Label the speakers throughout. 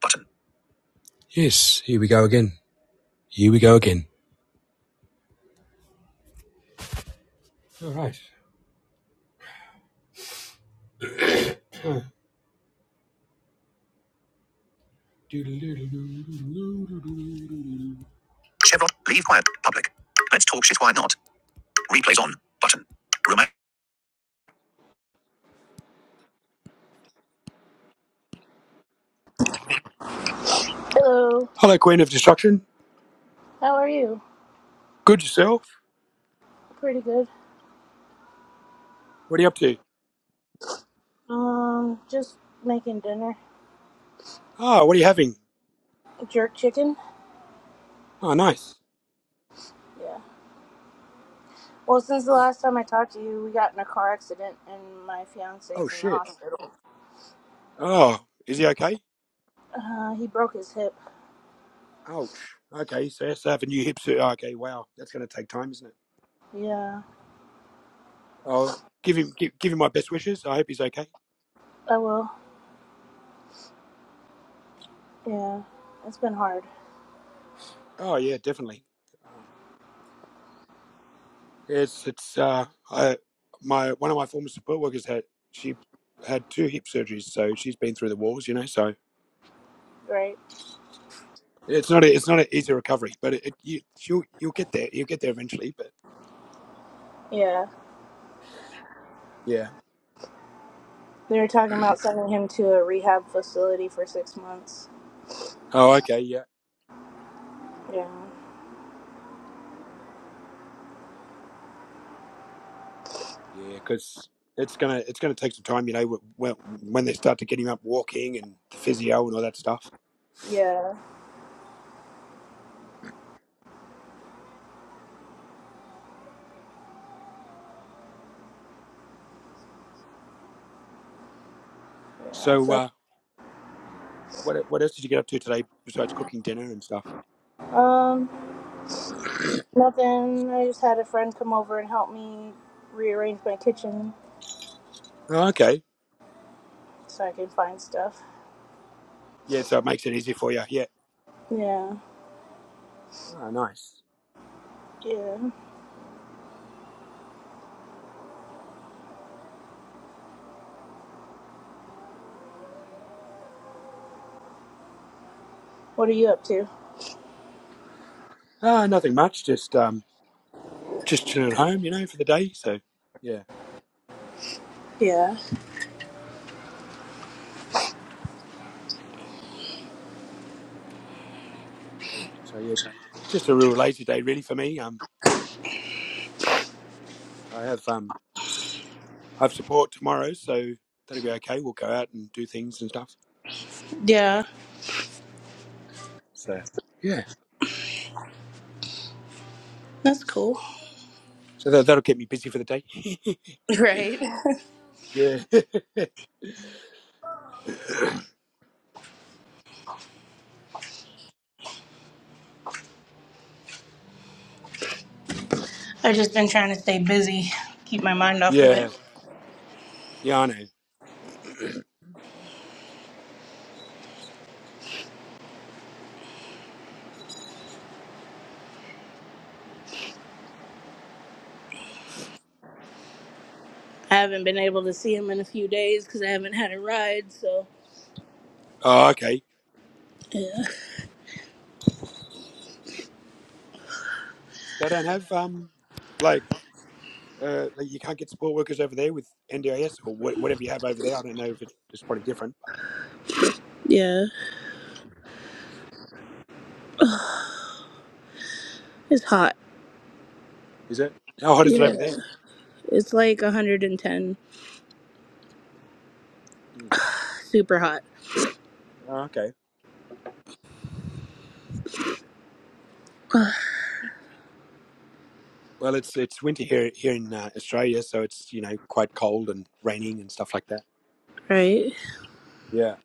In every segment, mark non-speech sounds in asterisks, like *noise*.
Speaker 1: Button. Yes, here we go again. Here we go again. All right. Chevron. Leave quiet. Public. Let's talk shit. Why not? Replays on. Button. Roman.
Speaker 2: Hello.
Speaker 1: Hello, Queen of Destruction.
Speaker 2: How are you?
Speaker 1: Good yourself?
Speaker 2: Pretty good.
Speaker 1: What are you up to?
Speaker 2: Um, just making dinner.
Speaker 1: Ah, oh, what are you having?
Speaker 2: Jerk chicken?
Speaker 1: Oh, nice.
Speaker 2: Yeah. Well, since the last time I talked to you, we got in a car accident and my
Speaker 1: Oh,
Speaker 2: fiance's in the
Speaker 1: shit.
Speaker 2: hospital.
Speaker 1: Oh, is he okay?
Speaker 2: Uh, he broke his hip.
Speaker 1: Ouch. Okay, so he has to have a new hip sur- okay, wow. That's going to take time, isn't it?
Speaker 2: Yeah.
Speaker 1: Oh, give him give, give him my best wishes. I hope he's okay.
Speaker 2: I will. Yeah. It's been hard.
Speaker 1: Oh, yeah, definitely. Uh, Yes, it's uh, I, my one of my former support workers had she had two hip surgeries, so she's been through the walls, you know. So
Speaker 2: Right?
Speaker 1: it's not a, it's not an easy recovery, but it, it you you'll, you'll get there, you'll get there eventually. But
Speaker 2: Yeah.
Speaker 1: yeah.
Speaker 2: They were talking about sending him to a rehab facility for six months.
Speaker 1: Oh, okay, yeah,
Speaker 2: Yeah.
Speaker 1: yeah, because it's gonna it's gonna take some time, you know, when when they start to get him up walking and the physio and all that stuff.
Speaker 2: Yeah. Yeah.
Speaker 1: So
Speaker 2: So,
Speaker 1: uh, what what else did you get up to today besides cooking dinner and stuff?
Speaker 2: um, nothing. I just had a friend come over and help me rearrange my kitchen
Speaker 1: Oh, okay,
Speaker 2: so I can find stuff.
Speaker 1: yeah, so it makes it easy for you. Yeah.
Speaker 2: Yeah.
Speaker 1: Oh, nice.
Speaker 2: Yeah. What are you up to?
Speaker 1: Uh, nothing much. Just um, just chilling at home, you know, for the day. So yeah,
Speaker 2: Yeah.
Speaker 1: so yeah, just a real lazy day really for me. Um, I have um, I have support tomorrow, so that'll be okay. We'll go out and do things and stuff.
Speaker 2: Yeah.
Speaker 1: So yeah,
Speaker 2: That's cool.
Speaker 1: so that, that'll get me busy for the day. *laughs*
Speaker 2: *laughs* Right.
Speaker 1: yeah, *laughs*
Speaker 2: I've just been trying to stay busy, keep my mind off of
Speaker 1: yeah,
Speaker 2: it.
Speaker 1: yeah. I know.
Speaker 2: I haven't been able to see him in a few days because I haven't had a ride, so.
Speaker 1: Oh, okay.
Speaker 2: Yeah.
Speaker 1: They don't have um, like uh, like you can't get support workers over there with NDIS or wha- whatever you have over there. I don't know if it's, it's probably different.
Speaker 2: Yeah. It's hot.
Speaker 1: Is it? How hot is it over
Speaker 2: Yeah.
Speaker 1: there?
Speaker 2: It's like 110.
Speaker 1: Mm.
Speaker 2: Super hot.
Speaker 1: Oh, okay. Well, it's it's winter here here in uh, Australia, so it's you know quite cold and raining and stuff like that.
Speaker 2: Right?
Speaker 1: Yeah.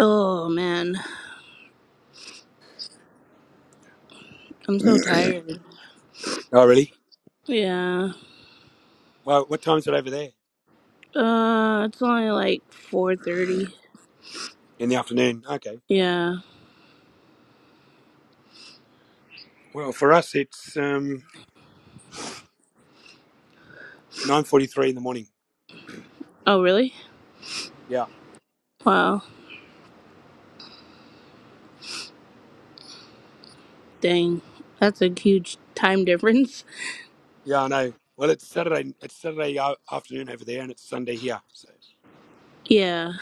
Speaker 2: Oh, man. I'm so tired.
Speaker 1: Oh, really?
Speaker 2: Yeah.
Speaker 1: Well, what time is it over there?
Speaker 2: Uh, it's only like 4.30.
Speaker 1: In the afternoon. Okay.
Speaker 2: Yeah.
Speaker 1: Well, for us, it's um, nine forty-three in the morning.
Speaker 2: Oh, really?
Speaker 1: Yeah.
Speaker 2: Wow. Dang, that's a huge time difference. *laughs*
Speaker 1: Yeah, I know. Well, it's Saturday. It's Saturday a- afternoon over there, and it's Sunday here. So
Speaker 2: Yeah,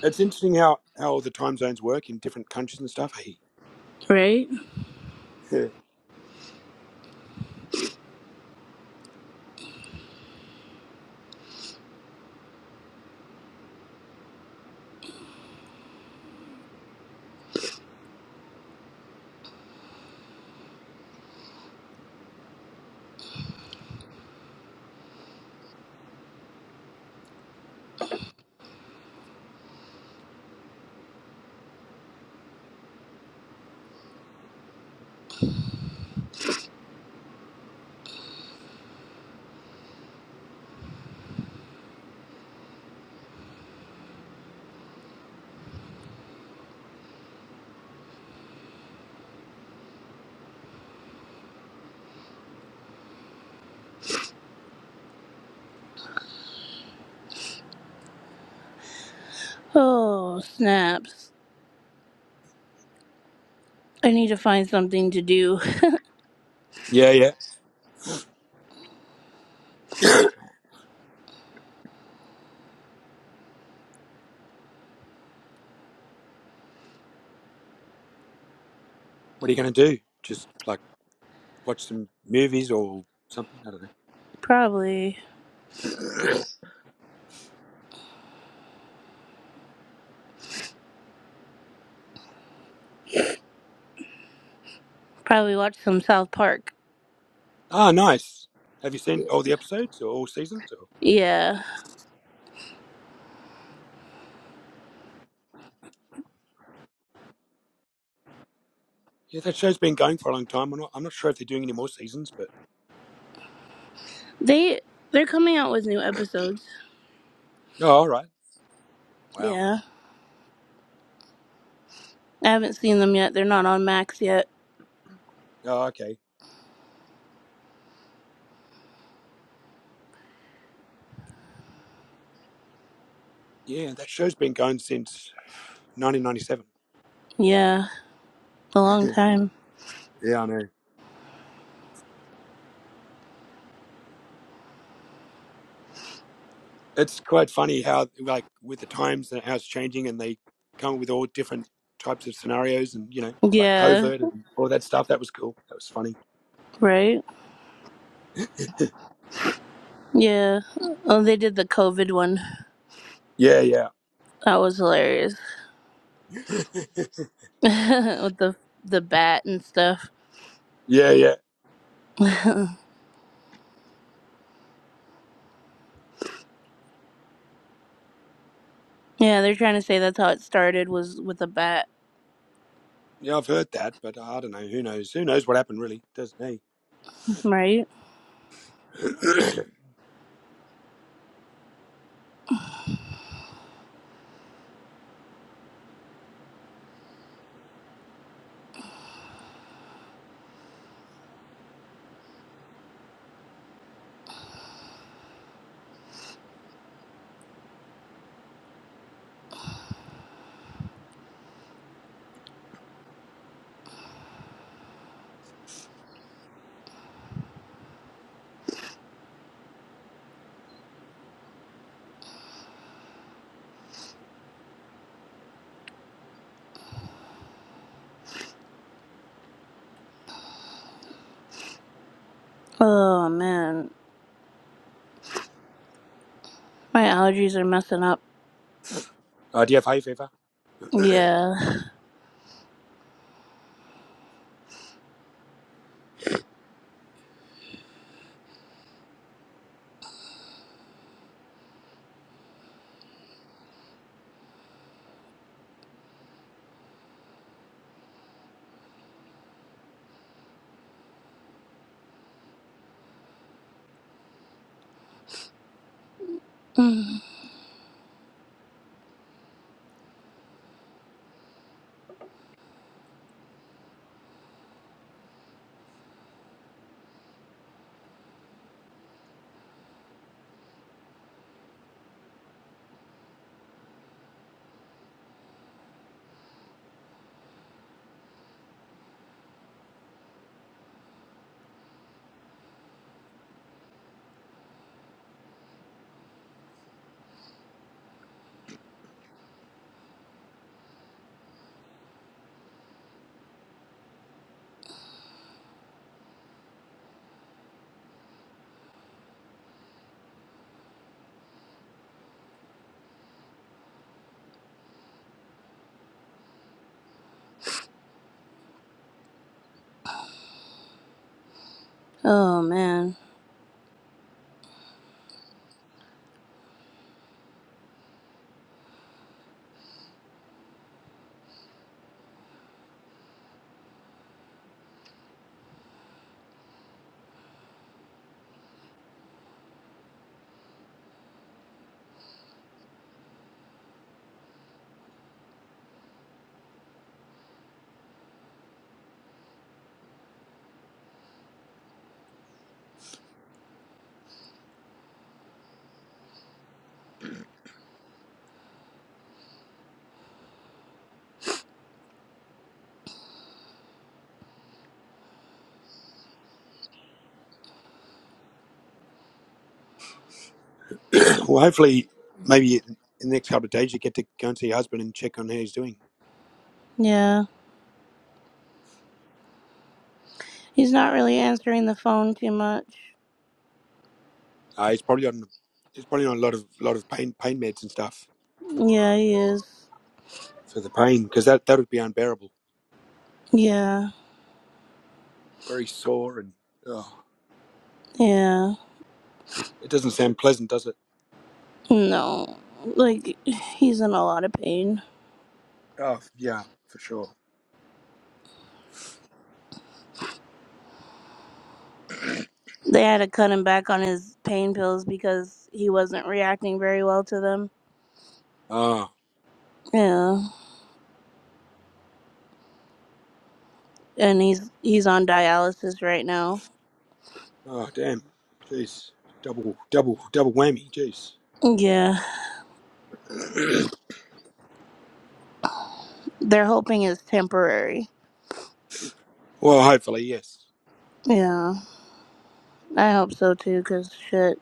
Speaker 1: it's interesting how how all the time zones work in different countries and stuff. Hey.
Speaker 2: right?
Speaker 1: Yeah.
Speaker 2: Oh, snaps. I need to find something to do.
Speaker 1: Yeah. Yeah. What are you going to do? Just like watch some movies or something? I don't know.
Speaker 2: Probably, probably watch some South Park.
Speaker 1: Ah, nice. Have you seen
Speaker 2: Yeah.
Speaker 1: all the episodes or all seasons? Or?
Speaker 2: Yeah.
Speaker 1: Yeah, that show's been going for a long time. I'm not, I'm not sure if they're doing any more seasons, but.
Speaker 2: They they're coming out with new episodes.
Speaker 1: Oh, all right. Wow.
Speaker 2: Yeah. I haven't seen them yet. They're not on Max yet.
Speaker 1: Oh, okay. Yeah, that show's been going since 1997.
Speaker 2: Yeah, a long
Speaker 1: *laughs*
Speaker 2: time.
Speaker 1: yeah, I know. It's quite funny how, like, with the times and how it's changing, and they come with all different types of scenarios and, you know, like
Speaker 2: Yeah,
Speaker 1: covert and all that stuff. That was cool. That was funny.
Speaker 2: right? Yeah. Oh, they did the COVID one.
Speaker 1: Yeah, yeah.
Speaker 2: That was hilarious.
Speaker 1: *laughs*
Speaker 2: *laughs* With the the bat and stuff.
Speaker 1: yeah, yeah.
Speaker 2: *laughs* Yeah, they're trying to say that's how it started was with a bat,
Speaker 1: Yeah, I've heard that, but I don't know. Who knows? Who knows what happened, really? Doesn't he?
Speaker 2: right?
Speaker 1: *coughs*
Speaker 2: Oh man, my allergies are messing up.
Speaker 1: *clears throat* uh, do you have hay fever?
Speaker 2: Yeah. *sighs* Mm. oh man.
Speaker 1: Well, hopefully, maybe in the next couple of days you get to go and see your husband and check on how he's doing.
Speaker 2: Yeah. He's not really answering the phone too much.
Speaker 1: Uh, he's probably on he's probably on a lot of lot of pain pain meds and stuff
Speaker 2: Yeah, he is.
Speaker 1: for the pain because that that would be unbearable.
Speaker 2: Yeah.
Speaker 1: Very sore and oh,
Speaker 2: Yeah.
Speaker 1: it doesn't sound pleasant, does it?
Speaker 2: No. Like he's in a lot of pain.
Speaker 1: Oh yeah, for sure.
Speaker 2: They had to cut him back on his pain pills because he wasn't reacting very well to them.
Speaker 1: Oh
Speaker 2: Yeah. And he's he's on dialysis right now.
Speaker 1: oh damn, jeez, double double double whammy, jeez.
Speaker 2: Yeah. They're hoping it's temporary.
Speaker 1: Well, hopefully yes.
Speaker 2: Yeah, I hope so too, because shit,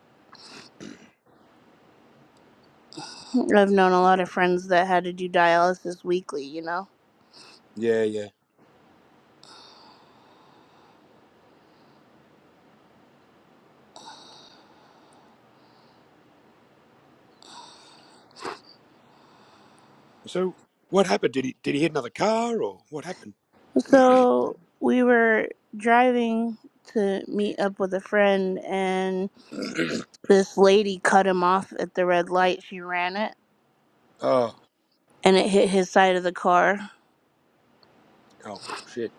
Speaker 2: I've known a lot of friends that had to do dialysis weekly, you know?
Speaker 1: Yeah yeah. So what happened? Did he did he hit another car or what happened?
Speaker 2: So we were driving to meet up with a friend, and this lady cut him off at the red light. She ran it,
Speaker 1: Oh
Speaker 2: and it hit his side of the car.
Speaker 1: oh shit.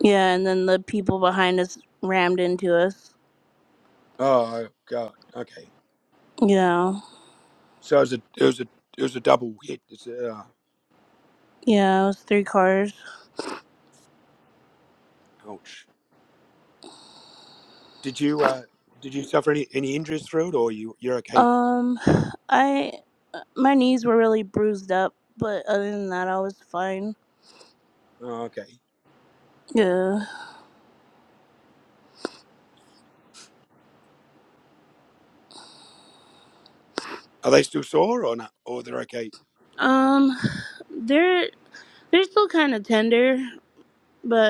Speaker 2: Yeah, and then the people behind us rammed into us.
Speaker 1: Oh god. Okay.
Speaker 2: Yeah,
Speaker 1: So it was a it was a it was a double hit. It's a, uh,
Speaker 2: yeah, it was three cars.
Speaker 1: ouch. Did you uh did you suffer any any injuries through it, or you you're okay?
Speaker 2: Um, *sighs* I my knees were really bruised up, but other than that, I was fine.
Speaker 1: Oh, okay.
Speaker 2: Yeah.
Speaker 1: Are they still sore or not? Or they're okay?
Speaker 2: Um, *sighs* they're they're still kind of tender,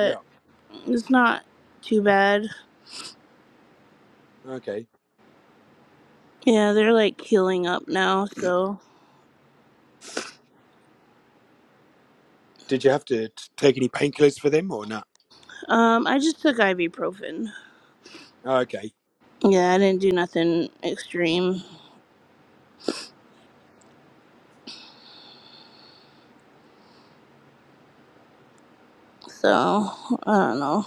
Speaker 1: Yeah.
Speaker 2: it's not too bad.
Speaker 1: Okay.
Speaker 2: Yeah, they're like healing up now. So,
Speaker 1: Did you have to t- take any painkillers for them or not?
Speaker 2: um, I just took ibuprofen.
Speaker 1: Oh, okay.
Speaker 2: Yeah, I didn't do nothing extreme. So I don't know.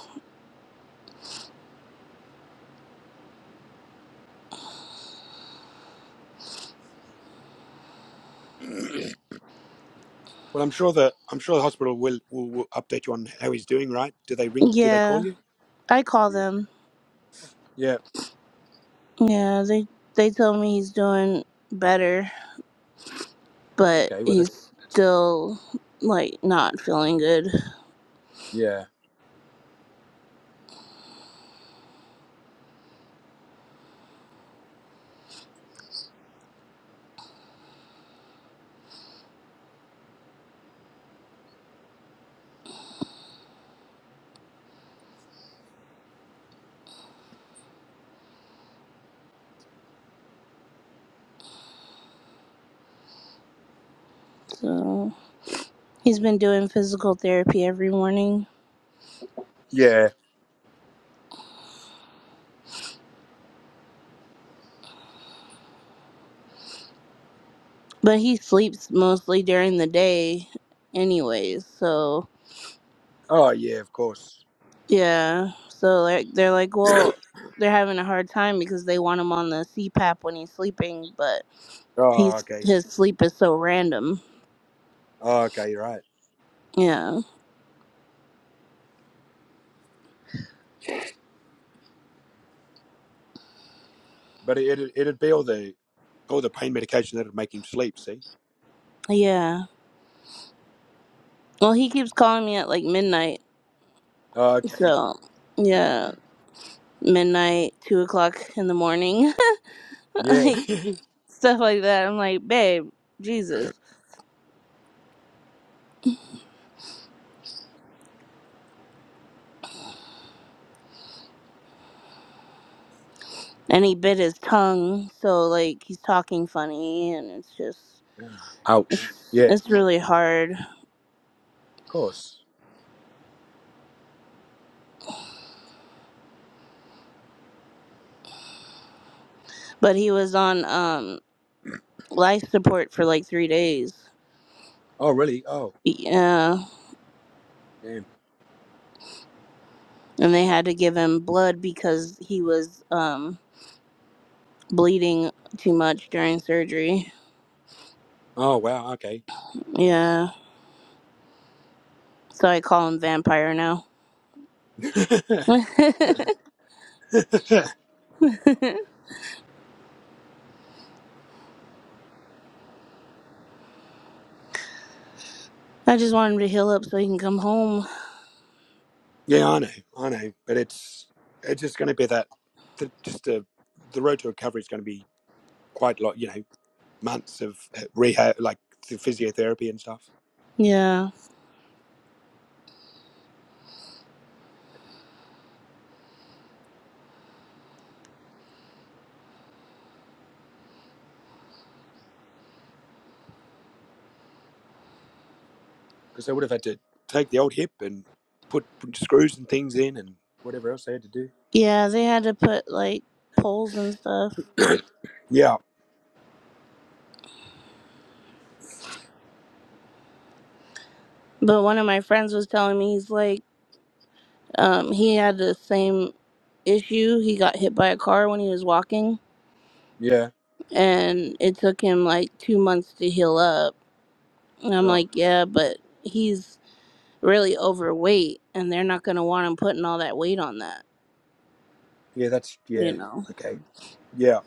Speaker 1: Well, I'm sure the I'm sure the hospital will, will will update you on how he's doing. Right? Do they ring? Do they call
Speaker 2: Yeah,
Speaker 1: you?
Speaker 2: I call
Speaker 1: Yeah.
Speaker 2: them.
Speaker 1: Yeah.
Speaker 2: Yeah, they they tell me he's doing better. but
Speaker 1: Okay. Well, that's
Speaker 2: he's still like not feeling good.
Speaker 1: yeah.
Speaker 2: So he's been doing physical therapy every morning,
Speaker 1: Yeah.
Speaker 2: but he sleeps mostly during the day, anyways. So
Speaker 1: Oh, yeah. Of course.
Speaker 2: yeah, so like they're like, well, they're having a hard time because they want him on the CPAP when he's sleeping, but
Speaker 1: Oh,
Speaker 2: he's
Speaker 1: okay.
Speaker 2: his sleep is so random.
Speaker 1: Oh, okay. Right.
Speaker 2: Yeah,
Speaker 1: But it, it, would be all the all the pain medication that'd make him sleep, see?
Speaker 2: yeah. Well, he keeps calling me at like midnight.
Speaker 1: Oh, okay.
Speaker 2: So yeah, midnight, two o'clock in the morning. *laughs*
Speaker 1: Yeah.
Speaker 2: like
Speaker 1: *laughs*
Speaker 2: stuff like that. I'm like, babe, Jesus. And he bit his tongue, so like he's talking funny, and it's just
Speaker 1: Ouch.
Speaker 2: it's
Speaker 1: Yeah, of
Speaker 2: it's really hard.
Speaker 1: course.
Speaker 2: But he was on um life support for like three days.
Speaker 1: Oh, really? Oh,
Speaker 2: Yeah,
Speaker 1: damn.
Speaker 2: and they had to give him blood because he was um bleeding too much during surgery.
Speaker 1: Oh, wow. Okay. Yeah.
Speaker 2: Yeah, so I call him vampire now. *laughs*
Speaker 1: *laughs*
Speaker 2: I just want him to heal up so he can come home.
Speaker 1: yeah, I know. I know. But it's it's just going to be that, the, just the, the road to recovery is going to be quite a lot, you know, months of uh, rehab, like the physiotherapy and stuff.
Speaker 2: Yeah.
Speaker 1: because they would have had to take the old hip and put, put screws and things in and whatever else they had to do.
Speaker 2: Yeah, they had to put like poles and stuff.
Speaker 1: Yeah,
Speaker 2: But one of my friends was telling me he's like, um, he had the same issue. He got hit by a car when he was walking,
Speaker 1: yeah,
Speaker 2: and it took him like two months to heal up. And I'm
Speaker 1: oh,
Speaker 2: like, yeah, but he's really overweight, and they're not gonna want him putting all that weight on that,
Speaker 1: yeah. That's
Speaker 2: you
Speaker 1: yeah,
Speaker 2: know.
Speaker 1: okay, yeah,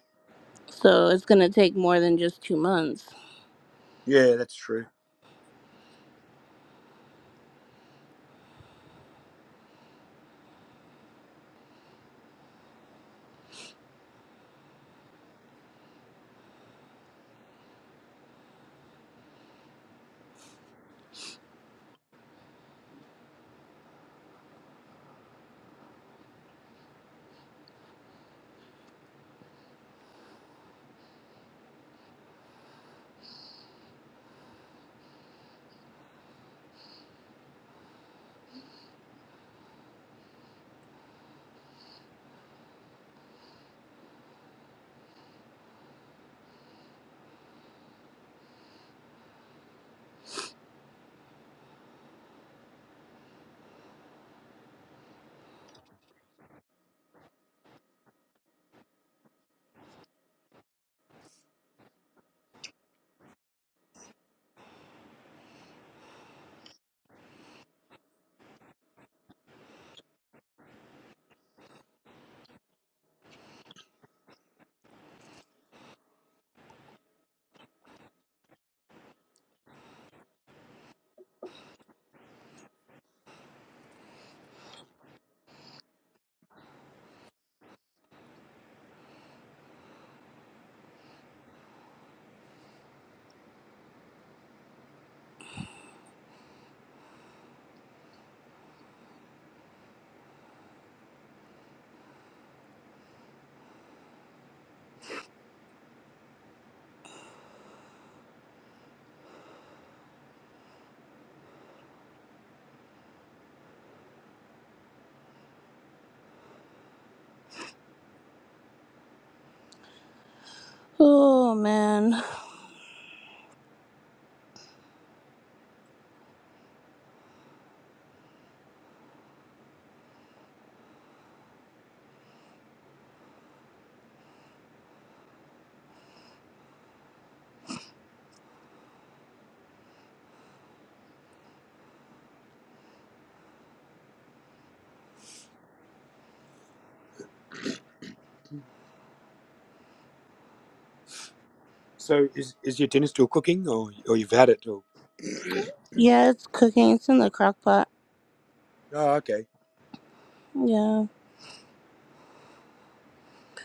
Speaker 2: So it's gonna take more than just two months.
Speaker 1: yeah. That's true.
Speaker 2: Oh man,
Speaker 1: So is is your dinner still cooking, or or you've had it? Or,
Speaker 2: yeah, it's cooking. It's in the crock pot.
Speaker 1: oh, okay,
Speaker 2: Yeah.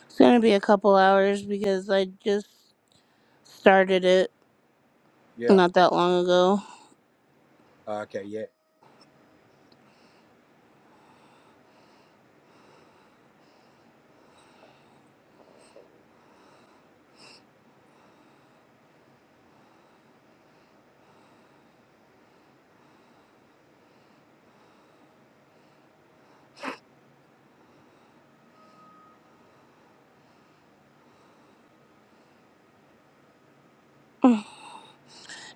Speaker 2: It's gonna be a couple hours because I just started it
Speaker 1: yeah,
Speaker 2: not that long ago
Speaker 1: Oh, okay, yeah,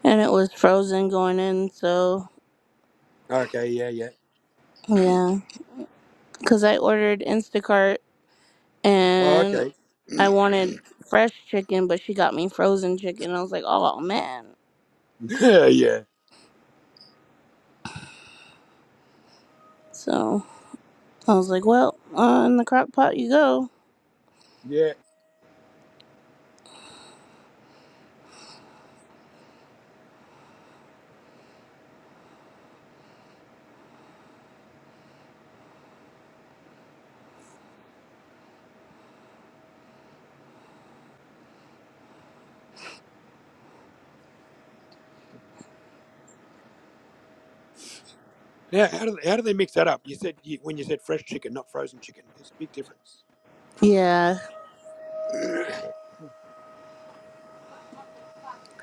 Speaker 2: and it was frozen going in, so
Speaker 1: okay, yeah, yeah,
Speaker 2: yeah. Because I ordered Instacart
Speaker 1: oh,
Speaker 2: and
Speaker 1: okay,
Speaker 2: I wanted fresh chicken, but she got me frozen chicken. I was like, oh man.
Speaker 1: *laughs* yeah, yeah,
Speaker 2: So I was like, well, on the crock pot you go.
Speaker 1: yeah. Now, how do how do they mix that up? You said you, when you said fresh chicken, not frozen chicken. There's a big difference.
Speaker 2: Yeah.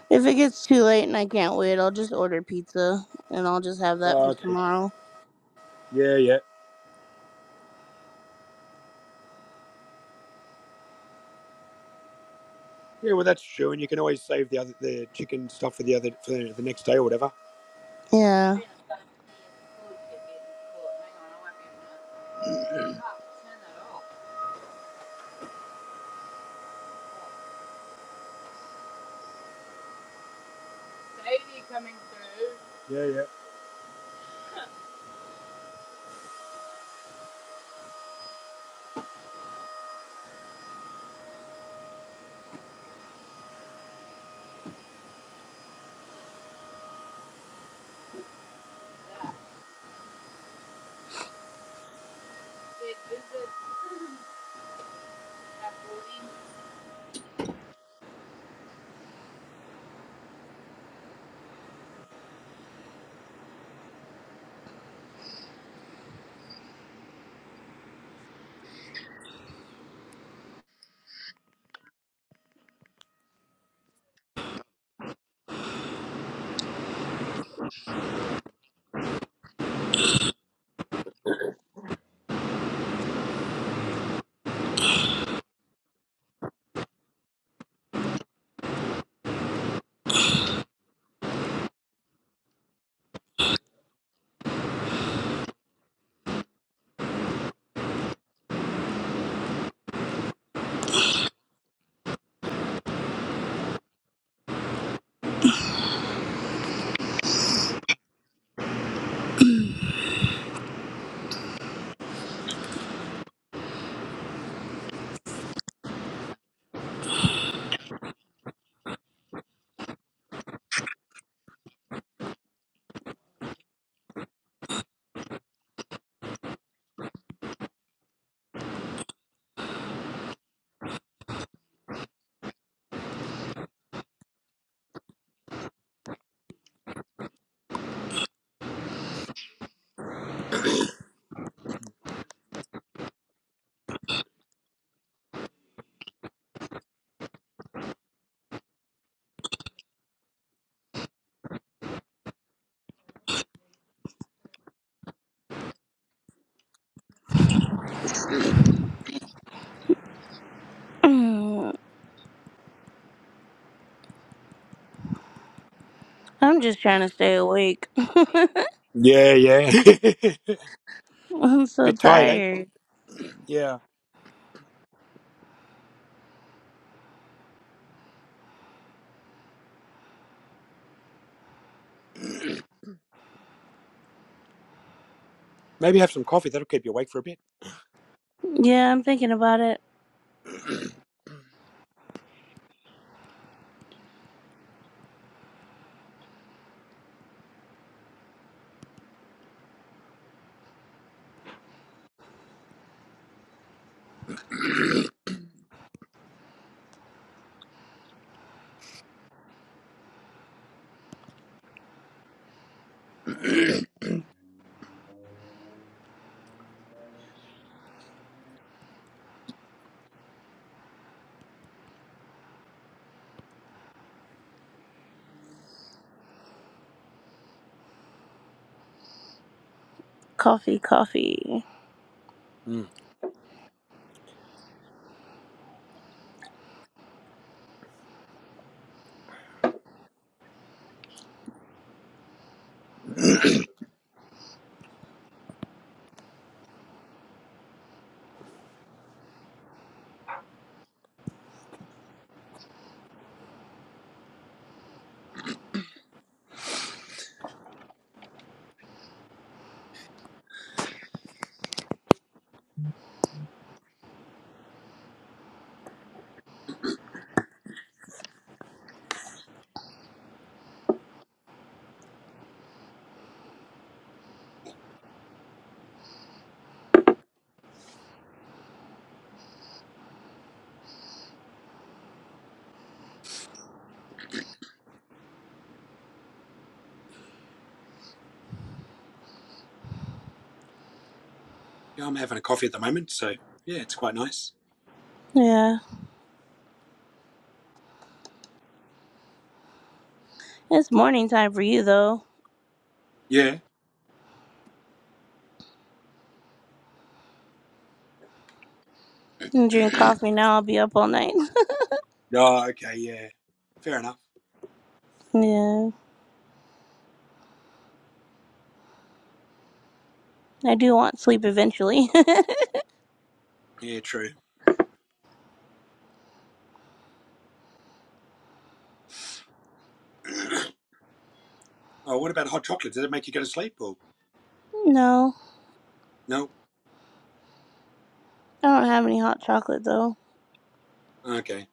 Speaker 2: If it gets too late and I can't wait, I'll just order pizza and I'll just have that
Speaker 1: Oh,
Speaker 2: for
Speaker 1: okay.
Speaker 2: tomorrow.
Speaker 1: Yeah. Yeah. Yeah, well, that's true, and you can always save the other the chicken stuff for the other for the next day or whatever.
Speaker 2: Yeah.
Speaker 1: Yeah,
Speaker 2: *clears throat* I'm just trying to stay awake. *laughs*
Speaker 1: yeah, yeah, yeah.
Speaker 2: I'm
Speaker 1: *laughs*
Speaker 2: so
Speaker 1: bit tired, eh?
Speaker 2: tired.
Speaker 1: Yeah, maybe have some coffee. That'll keep you awake for a bit.
Speaker 2: Yeah, I'm thinking about it. Coffee, coffee.
Speaker 1: Mm. Yeah, I'm having a coffee at the moment, so yeah, it's quite nice.
Speaker 2: Yeah. It's morning time for you, though.
Speaker 1: Yeah.
Speaker 2: You drink coffee now, I'll be up all night. *laughs*
Speaker 1: Oh, okay. Yeah. Fair enough.
Speaker 2: Yeah. I do want sleep eventually.
Speaker 1: Yeah, true. Oh, what about hot chocolate? Did it make you go to sleep or
Speaker 2: *laughs* no,
Speaker 1: no?
Speaker 2: I don't have any hot chocolate, though.
Speaker 1: Okay.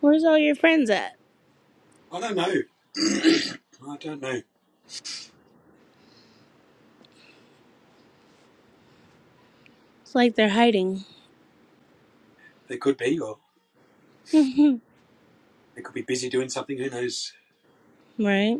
Speaker 2: Where's all your friends at?
Speaker 1: I don't know. *coughs* *clears throat* I don't know.
Speaker 2: It's like they're hiding.
Speaker 1: They could be, or
Speaker 2: *laughs*
Speaker 1: they could be busy doing something. Who knows?
Speaker 2: right?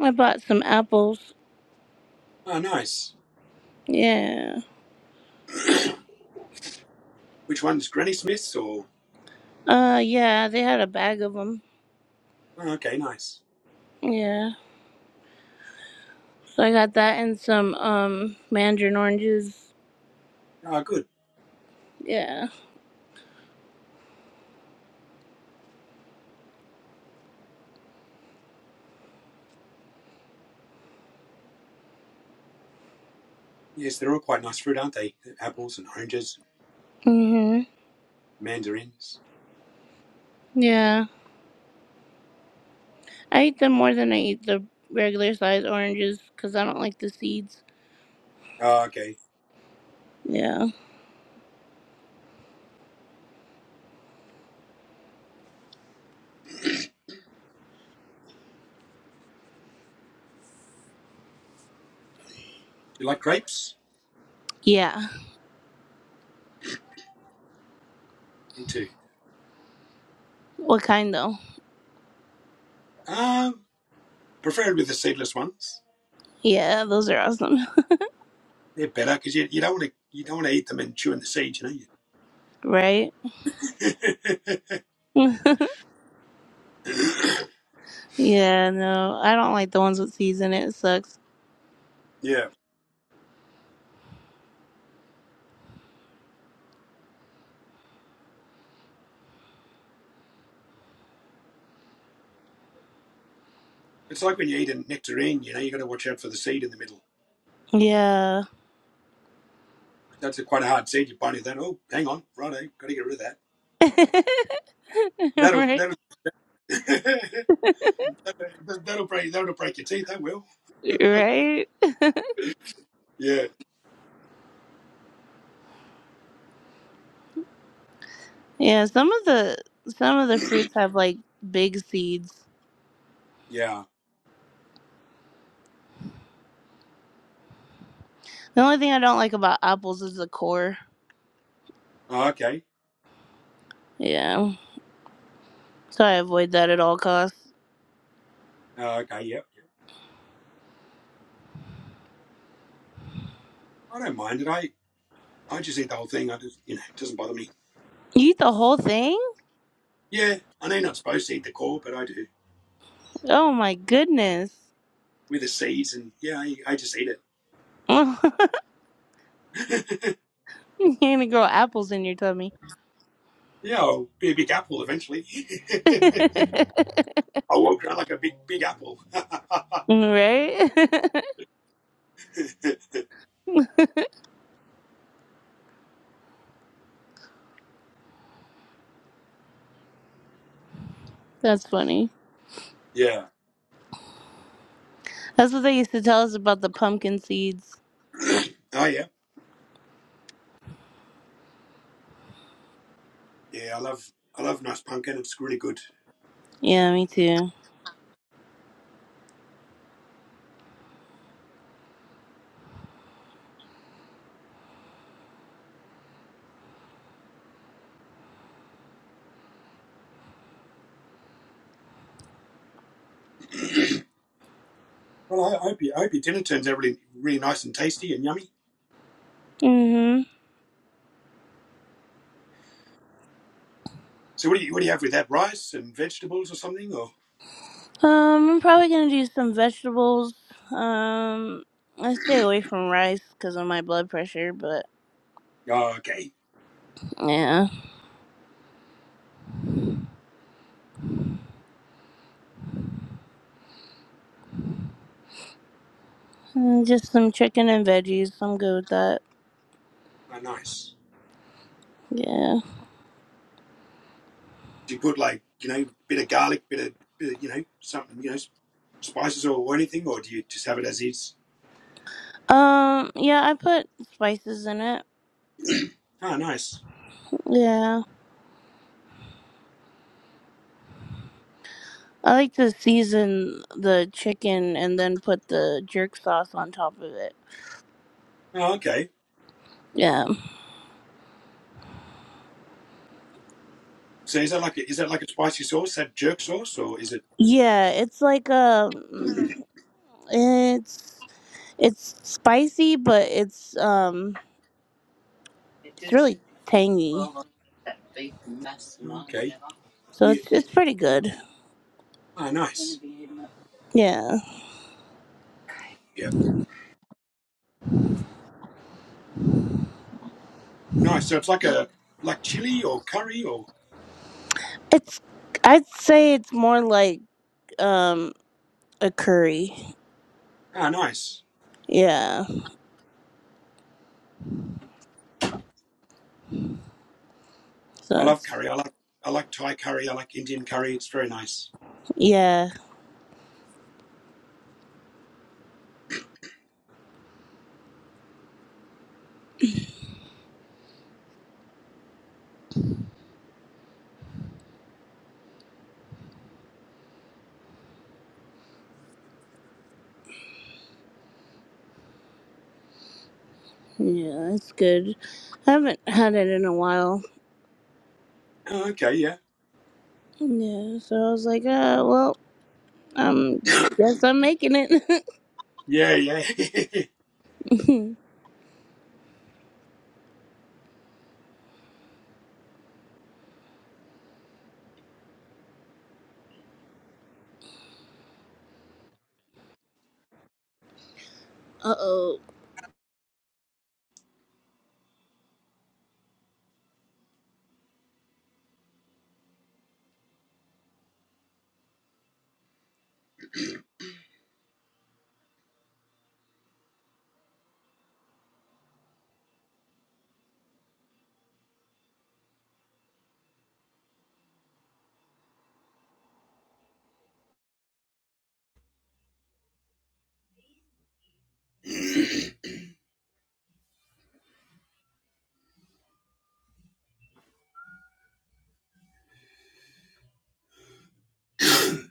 Speaker 2: I bought some apples.
Speaker 1: Oh, nice.
Speaker 2: Yeah.
Speaker 1: Which one's Granny Smith's or?
Speaker 2: Uh, yeah, they had a bag of them.
Speaker 1: Oh, okay, nice.
Speaker 2: Yeah. So I got that and some, um, mandarin oranges.
Speaker 1: Ah, good.
Speaker 2: Yeah.
Speaker 1: Yes, they're all quite nice fruit, aren't they? Apples and oranges,
Speaker 2: Mm
Speaker 1: mandarins.
Speaker 2: hmm. Yeah. I eat them more than I eat the regular size oranges because I don't like the seeds.
Speaker 1: Oh, okay. Do
Speaker 2: Yeah.
Speaker 1: you like grapes?
Speaker 2: Yeah.
Speaker 1: Me too.
Speaker 2: What kind though?
Speaker 1: Um, preferably the seedless ones.
Speaker 2: Yeah, those are awesome. *laughs*
Speaker 1: They're better because you, you don't want to you don't want to eat them and chew in the seeds, you know.
Speaker 2: Right?
Speaker 1: *laughs*
Speaker 2: *laughs* yeah, no. I don't like the ones with seeds in it. It sucks.
Speaker 1: yeah, it's like when you eat a nectarine. You know, you got to watch out for the seed in the middle.
Speaker 2: Yeah.
Speaker 1: That's a quite a hard seed. You bite into that. Oh, hang on, righto, got to get rid of that.
Speaker 2: *laughs*
Speaker 1: That'll
Speaker 2: right?
Speaker 1: that'll *laughs* that- will that will that will break that'll break your teeth. That will.
Speaker 2: Right?
Speaker 1: Yeah.
Speaker 2: Yeah, some of the some of the fruits have like big seeds.
Speaker 1: Yeah.
Speaker 2: The only thing I don't like about apples is the core.
Speaker 1: Oh, okay.
Speaker 2: Yeah. So I avoid that at all costs.
Speaker 1: Oh, okay. Yep. Yeah. I don't mind it. I I just eat the whole thing. I just, you know, it doesn't bother me.
Speaker 2: You eat the whole thing?
Speaker 1: Yeah, I know you're not supposed to eat the core, but I do.
Speaker 2: Oh my goodness.
Speaker 1: With the seeds, and yeah, I, I just eat it.
Speaker 2: *laughs*
Speaker 1: *laughs*
Speaker 2: *laughs* You can't even grow apples in your tummy.
Speaker 1: yeah, I'll be a big apple eventually.
Speaker 2: *laughs* right?
Speaker 1: *laughs* I'll walk around like a big, big apple. *laughs*
Speaker 2: *laughs* That's funny.
Speaker 1: yeah.
Speaker 2: That's what they used to tell us about the pumpkin seeds.
Speaker 1: Oh, yeah. Yeah, I love, I love nice pumpkin. It's really good.
Speaker 2: Yeah, me too.
Speaker 1: Well, I I hope, you, I hope your dinner turns out really, really nice and tasty and yummy.
Speaker 2: Mm-hmm.
Speaker 1: So, what do you, what do you have with that? Rice and vegetables or something? Or
Speaker 2: Um, I'm probably gonna do some vegetables. Um, I stay away from rice because of my blood pressure, but
Speaker 1: oh, okay,
Speaker 2: yeah, Mm, just some chicken and veggies. I'm good with that.
Speaker 1: oh, nice.
Speaker 2: Yeah.
Speaker 1: you put like you know bit of garlic, bit of, bit of you know something you know spices or, or anything, or do you just have it as is?
Speaker 2: Um, yeah, I put spices in it.
Speaker 1: Oh, nice.
Speaker 2: Yeah. I like to season the chicken and then put the jerk sauce on top of it.
Speaker 1: Oh, okay.
Speaker 2: Yeah.
Speaker 1: So is that like a, is that like a spicy sauce, that jerk sauce, or is it?
Speaker 2: Yeah, it's like um
Speaker 1: Mm.
Speaker 2: it's it's spicy but it's um it's really tangy. So
Speaker 1: Yeah.
Speaker 2: it's it's pretty good.
Speaker 1: Oh, nice.
Speaker 2: Yeah.
Speaker 1: Yeah. Nice. So it's like a like chili or curry or
Speaker 2: It's I'd say it's more like um a curry.
Speaker 1: oh, nice.
Speaker 2: Yeah.
Speaker 1: I
Speaker 2: So
Speaker 1: love
Speaker 2: it's
Speaker 1: curry. I like I like Thai curry. I like Indian curry. It's very nice.
Speaker 2: yeah. Yeah, it's good. I haven't had it in a while.
Speaker 1: Oh, okay. Yeah.
Speaker 2: Yeah, so I was like, uh well, Um, guess I'm making it. *laughs*
Speaker 1: Yeah. Yeah. *laughs*
Speaker 2: uh oh.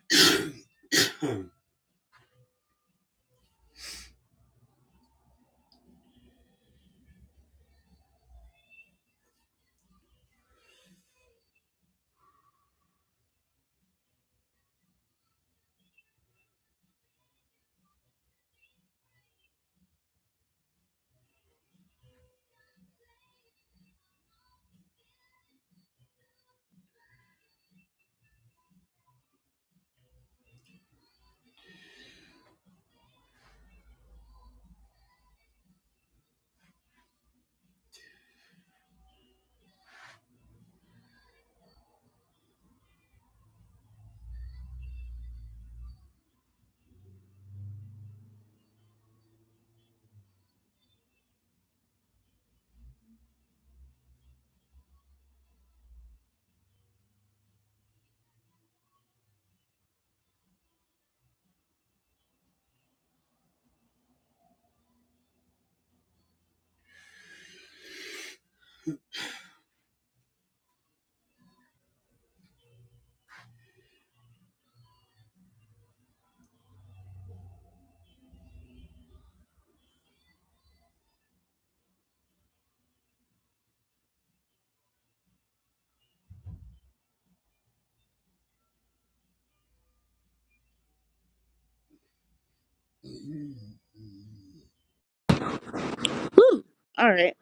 Speaker 1: *coughs* oh,
Speaker 2: Whew. All right.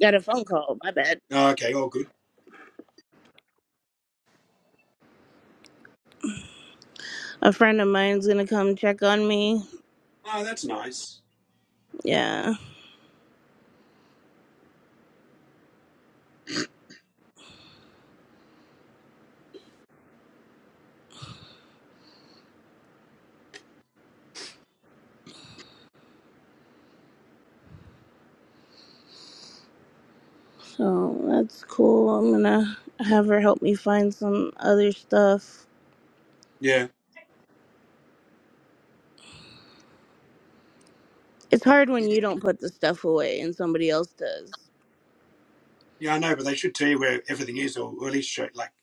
Speaker 2: Got a phone call. My bad.
Speaker 1: okay. All good.
Speaker 2: A friend of mine's gonna come check on me.
Speaker 1: Oh, that's nice.
Speaker 2: Yeah. So that's cool. I'm gonna have her help me find some other stuff.
Speaker 1: Yeah.
Speaker 2: It's hard when you don't put the stuff away and somebody else does.
Speaker 1: Yeah, I know, but they should tell you where everything is, or, or at least show like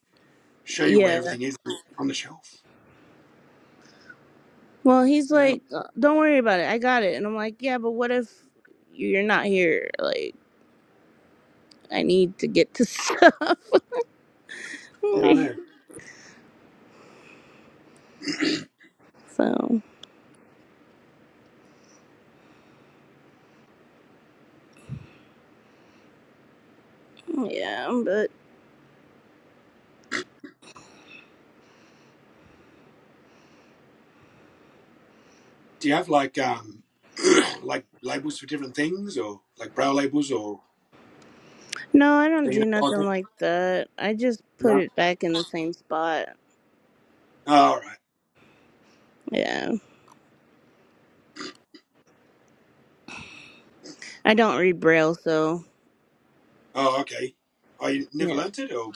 Speaker 1: show you where
Speaker 2: Yeah.
Speaker 1: everything is on the shelf.
Speaker 2: Well, he's
Speaker 1: You know, like,
Speaker 2: like, "Uh, don't worry about it. I got it. And I'm like, yeah, but what if you're not here? Like, I need to get to *laughs* stuff.
Speaker 1: yeah, I
Speaker 2: *laughs*
Speaker 1: know.
Speaker 2: so, yeah, but.
Speaker 1: Do you have like um *clears throat* like labels for different things, or like brow labels, or
Speaker 2: No, I
Speaker 1: so
Speaker 2: don't
Speaker 1: you know?
Speaker 2: do
Speaker 1: like
Speaker 2: nothing
Speaker 1: that?
Speaker 2: like that. I just put
Speaker 1: No.
Speaker 2: it back in the same spot.
Speaker 1: Oh, all right.
Speaker 2: Yeah. I don't read braille, so
Speaker 1: Oh, okay. Oh, you never
Speaker 2: yeah.
Speaker 1: learnt it, or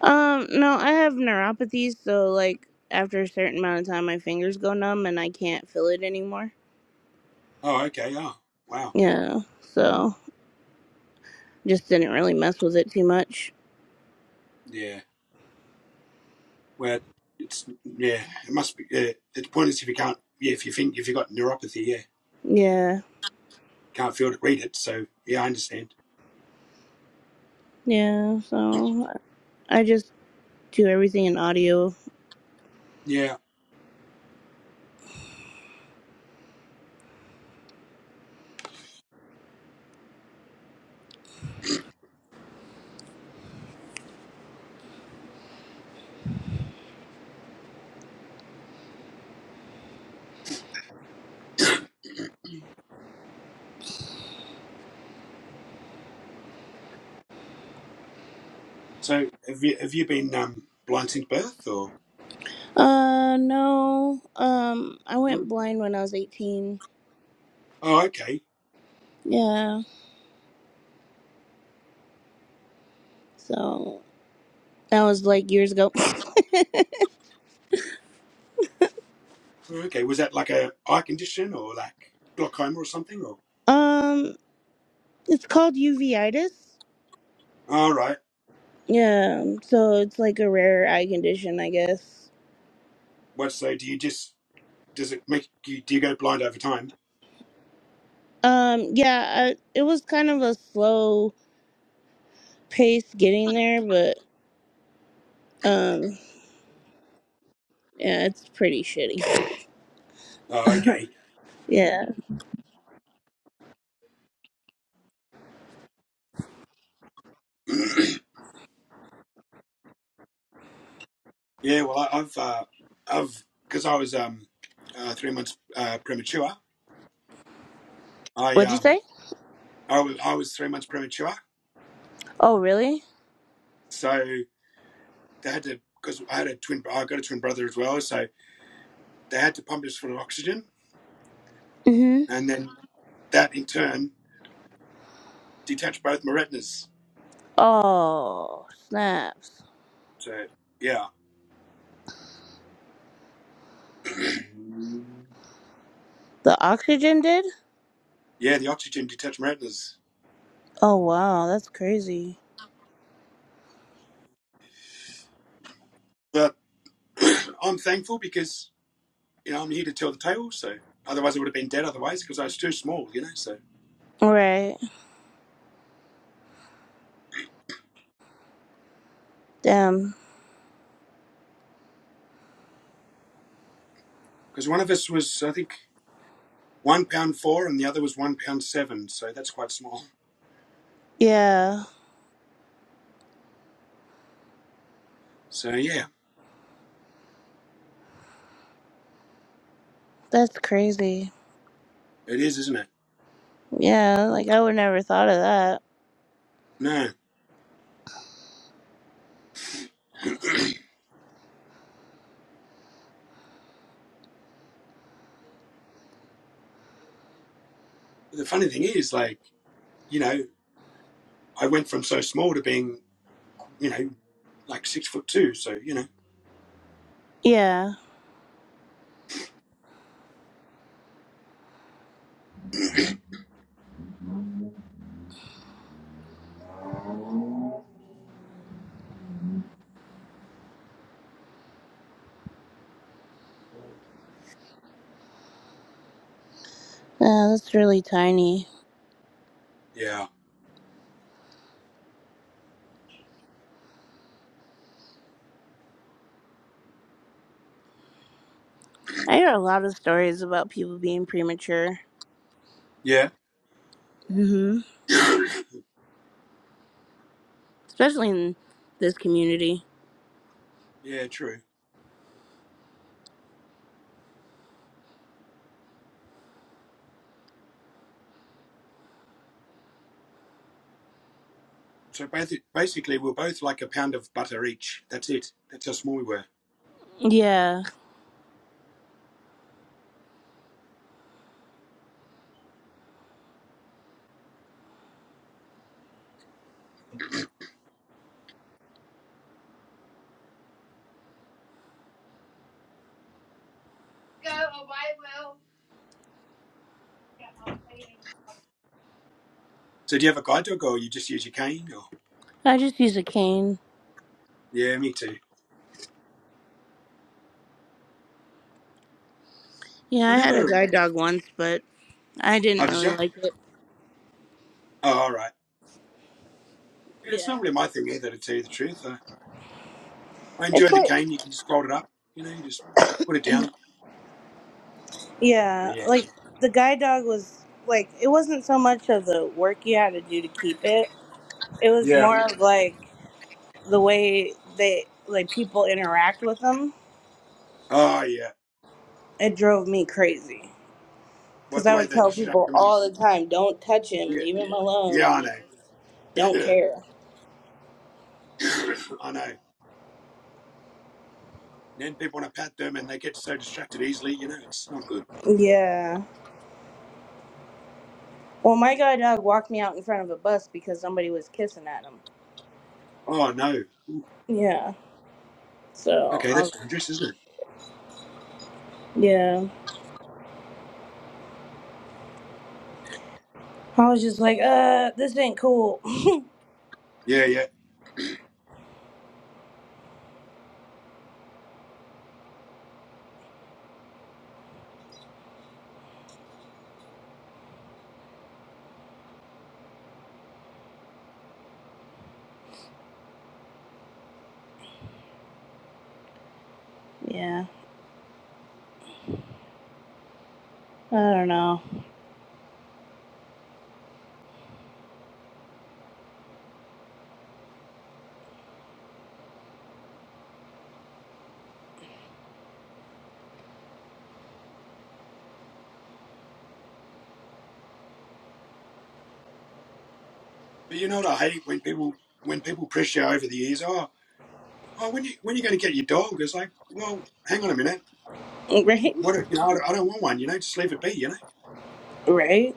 Speaker 2: Um, no, I have neuropathy, so like after a certain amount of time my fingers go numb and I can't feel it anymore.
Speaker 1: oh, okay. Oh, wow.
Speaker 2: Yeah. So just didn't really mess with it too much.
Speaker 1: Yeah. Well, it's yeah. It must be. Yeah. It's pointless if you can't. Yeah, if you think if you got neuropathy, yeah,
Speaker 2: Yeah.
Speaker 1: can't feel to read it. So yeah, I understand.
Speaker 2: Yeah. So I just do everything in audio.
Speaker 1: Yeah. So have you have you been um, blind since birth or?
Speaker 2: Uh no. Um I went
Speaker 1: Mm.
Speaker 2: blind when I was 18.
Speaker 1: Oh, okay,
Speaker 2: Yeah. So That was like years ago.
Speaker 1: okay. Was that like a eye condition or like glaucoma or something? Or
Speaker 2: *laughs* um, it's called uveitis.
Speaker 1: all right.
Speaker 2: Yeah, so it's like a rare eye condition, I guess.
Speaker 1: What so? Do you just does it make you do you go blind over time?
Speaker 2: Um, yeah, I, it was kind of a slow pace getting there, but um, yeah, it's pretty shitty. *laughs*
Speaker 1: Oh, okay.
Speaker 2: Yeah.
Speaker 1: *clears throat* Yeah. Well, I, I've uh, I've because I was um uh, three months uh, premature. I
Speaker 2: What'd you
Speaker 1: um
Speaker 2: say?
Speaker 1: I was I was three months premature,
Speaker 2: Oh, really?
Speaker 1: so they had to because I had a twin. I got a twin brother as well, so they had to pump us full of oxygen,
Speaker 2: Mhm.
Speaker 1: and then that in turn detach both my retinas.
Speaker 2: Oh, snaps.
Speaker 1: So yeah, *clears throat*
Speaker 2: The oxygen did?
Speaker 1: yeah, the oxygen detached my retinas.
Speaker 2: Oh, wow, that's crazy.
Speaker 1: But *clears throat* I'm thankful because you know I'm here to tell the tale. So otherwise I would have been dead. Otherwise because I was too small, you know. So
Speaker 2: Right. Damn.
Speaker 1: because one of us was I think one pound four and the other was one pound seven. So that's quite small.
Speaker 2: Yeah,
Speaker 1: So yeah,
Speaker 2: that's crazy.
Speaker 1: it is, isn't it?
Speaker 2: Yeah, like I would never thought of that.
Speaker 1: No. But the funny thing is, like you know, I went from so small to being you know like six foot two. So you know,
Speaker 2: Yeah. Yeah, that's really tiny.
Speaker 1: yeah,
Speaker 2: I hear a lot of stories about people being premature.
Speaker 1: yeah,
Speaker 2: hmm Especially in this community.
Speaker 1: yeah, true. So basically, we are both like a pound of butter each. That's it. That's how small we were.
Speaker 2: Yeah.
Speaker 1: So do you have a guide dog, or you just use your cane? Or
Speaker 2: I just use a cane.
Speaker 1: yeah, me too.
Speaker 2: Yeah,
Speaker 1: I
Speaker 2: I had a
Speaker 1: never.
Speaker 2: guide dog once, but I
Speaker 1: Oh,
Speaker 2: didn't
Speaker 1: did you?
Speaker 2: really like it.
Speaker 1: Oh, all right. Yeah, it's not
Speaker 2: Yeah.
Speaker 1: really my thing either, to tell you the truth. I, I enjoy
Speaker 2: It's
Speaker 1: the
Speaker 2: like
Speaker 1: cane. You can just fold it up. You know, you just put it down. So,
Speaker 2: yeah,
Speaker 1: yeah.
Speaker 2: like the guide dog was like it wasn't so much of the work you had to do to keep it. It was
Speaker 1: Yeah.
Speaker 2: more of like the way they like people interact with them
Speaker 1: Oh yeah.
Speaker 2: It drove me crazy
Speaker 1: What
Speaker 2: because
Speaker 1: the
Speaker 2: I
Speaker 1: way
Speaker 2: would
Speaker 1: they
Speaker 2: tell
Speaker 1: distract
Speaker 2: people
Speaker 1: them and
Speaker 2: all the time, "Don't touch him.
Speaker 1: yeah,
Speaker 2: Leave him alone,"
Speaker 1: yeah,
Speaker 2: and
Speaker 1: I
Speaker 2: they don't
Speaker 1: know. *coughs*
Speaker 2: care.
Speaker 1: Yeah, *laughs* I know. Then people want to pat them, and they get so distracted easily. You know, it's not good.
Speaker 2: Yeah. Well, my guide dog walked me out in front of a bus because somebody was kissing at him.
Speaker 1: Oh no.
Speaker 2: Yeah. So
Speaker 1: Okay,
Speaker 2: I
Speaker 1: that's
Speaker 2: was.
Speaker 1: dangerous, isn't it?
Speaker 2: Yeah. I was just like, uh, this ain't cool. *laughs*
Speaker 1: Yeah, yeah.
Speaker 2: Yeah. I don't know.
Speaker 1: But you know what I hate when people when people press you over the ears. Oh, oh, when you when are you going to get your dog? It's like, well, hang on a minute.
Speaker 2: *laughs* Right.
Speaker 1: What if- you know? I don't I don't want one. You know, just leave it be. You know.
Speaker 2: Right.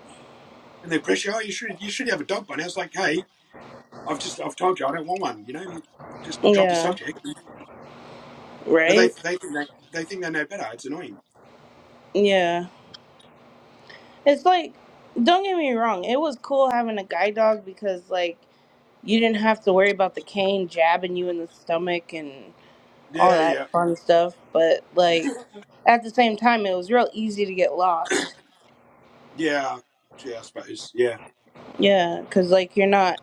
Speaker 1: And they press you. Oh, you should you should have a dog by now. It's like, hey, I've just I've told you I don't want one. You know, just drop the
Speaker 2: Yeah.
Speaker 1: subject. But they
Speaker 2: Right.
Speaker 1: they think they, they think they know better. It's annoying.
Speaker 2: Yeah. It's like, don't get me wrong. It was cool having a guide dog because like. you didn't have to worry about the cane jabbing you in the stomach and all
Speaker 1: Yeah, yeah,
Speaker 2: that fun stuff. But like at the same time, it was real easy to get lost.
Speaker 1: yeah, yeah. I suppose. Yeah,
Speaker 2: Yeah, because like you're not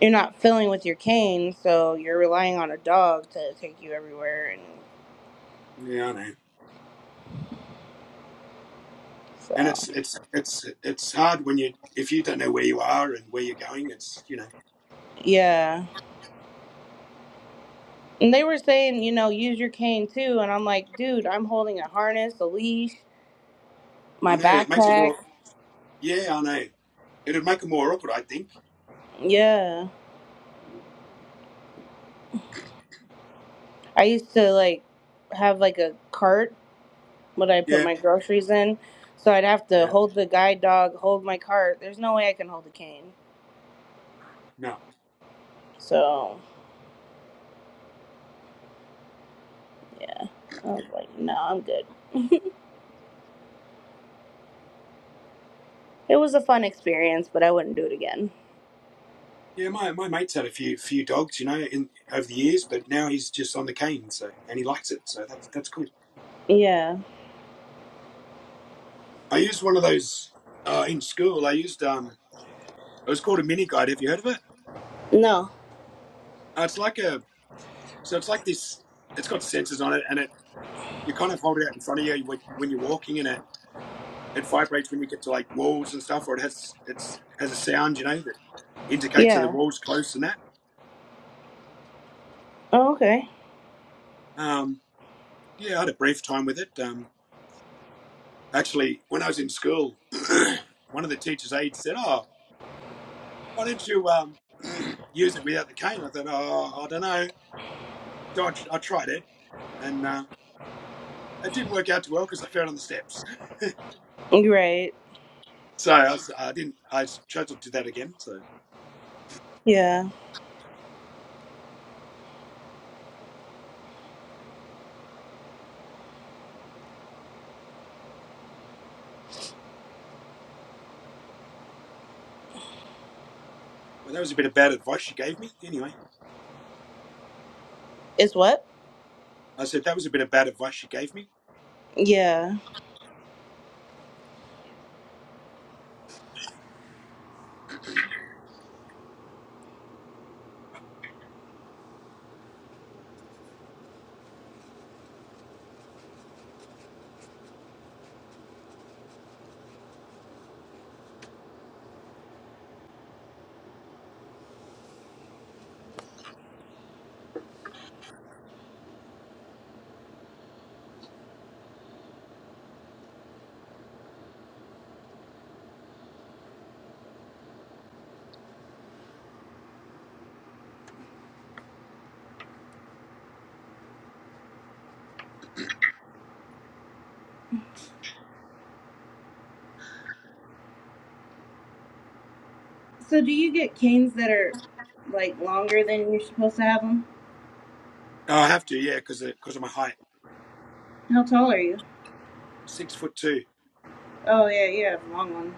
Speaker 2: you're not filling with your cane, so you're relying on a dog to take you everywhere. And
Speaker 1: yeah. I know. And
Speaker 2: so
Speaker 1: it's it's it's it's hard when you if you don't know where you are and where you're going. It's you know.
Speaker 2: yeah, and they were saying you know use your cane too, and I'm like, dude, I'm holding a harness, a leash,
Speaker 1: I
Speaker 2: my
Speaker 1: know it makes it more.
Speaker 2: backpack.
Speaker 1: Yeah, I know. It'd make it more awkward, I think.
Speaker 2: Yeah, I used to like have like a cart what I put
Speaker 1: Yeah,
Speaker 2: my groceries in. So I'd have to
Speaker 1: yeah,
Speaker 2: hold the guide dog, hold my cart. There's no way I can hold a cane.
Speaker 1: no,
Speaker 2: So yeah, I was like, no, I'm good. *laughs* It was a fun experience, but I wouldn't do it again.
Speaker 1: yeah. My my mate's had a few few dogs, you know, in over the years, but now he's just on the cane, so and he likes it, so that's that's cool.
Speaker 2: Yeah.
Speaker 1: I used one of those uh, in school. I used um, it was called a mini guide. Have you heard of it?
Speaker 2: No.
Speaker 1: Uh, it's like a so it's like this. It's got sensors on it, and it you kind of hold it out in front of you when, when you're walking, and it it vibrates when you get to like walls and stuff, or it has it's has a sound, you know, that indicates that the
Speaker 2: Yeah.
Speaker 1: wall's close and that.
Speaker 2: Oh, okay.
Speaker 1: Um, Yeah, I had a brief time with it. Um, actually, when I was in school, *clears throat* one of the teachers' aides said, "Oh, why don't you um, *clears throat* use it without the cane?" I thought, "Oh, I don't know." So I, I tried it, and uh, it didn't work out too well because I fell on the steps. *laughs*
Speaker 2: Right.
Speaker 1: So I s- I didn't. I chose to do that again. So
Speaker 2: Yeah.
Speaker 1: well, that was a bit of bad advice she gave me. Anyway,
Speaker 2: It's what?
Speaker 1: I said that was a bit of bad advice she gave me.
Speaker 2: Yeah. So do you get canes that are like longer than you're supposed to have them?
Speaker 1: Oh, I have to, yeah, because because of my height,
Speaker 2: How tall are you?
Speaker 1: six foot two.
Speaker 2: Oh yeah, you have a long one.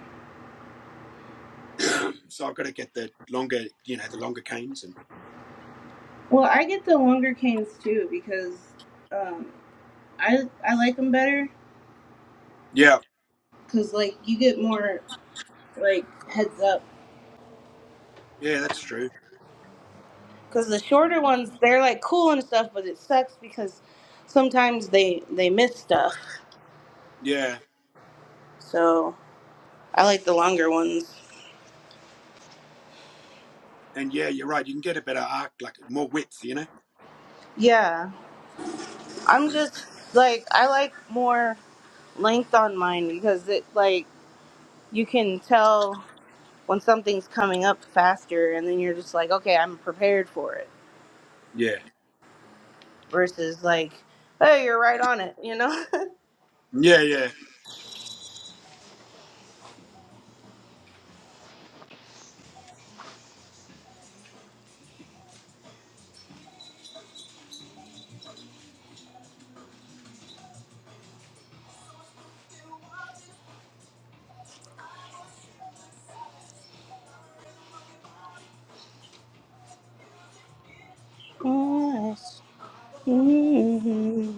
Speaker 1: *clears throat* So I've got to get the longer, you know, the longer canes. And
Speaker 2: Well, I get the longer canes too because um, I I like them better
Speaker 1: yeah,
Speaker 2: because like you get more like heads up.
Speaker 1: yeah, that's true.
Speaker 2: Because the shorter ones, they're like cool and stuff, but it sucks because sometimes they they miss stuff.
Speaker 1: Yeah,
Speaker 2: So I like the longer ones.
Speaker 1: And yeah, you're right. You can get a better arc, like more width, you know?
Speaker 2: Yeah, I'm just like I like more length on mine because it like you can tell when something's coming up faster, and then you're just like, okay, I'm prepared for it.
Speaker 1: Yeah.
Speaker 2: Versus like, hey, you're right on it, you know. *laughs*
Speaker 1: Yeah, yeah.
Speaker 2: Yes. Mhm.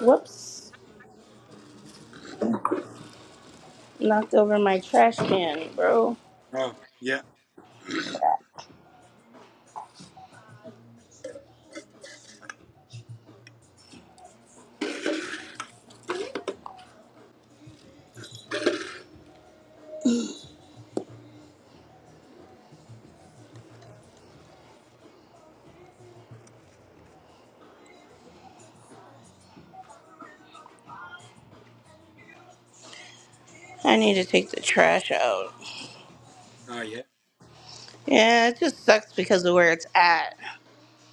Speaker 2: Whoops. Knocked over my trash can, bro.
Speaker 1: Oh, yeah.
Speaker 2: Crap. I need to take the trash out.
Speaker 1: Oh yeah.
Speaker 2: Yeah, it just sucks because of where it's at.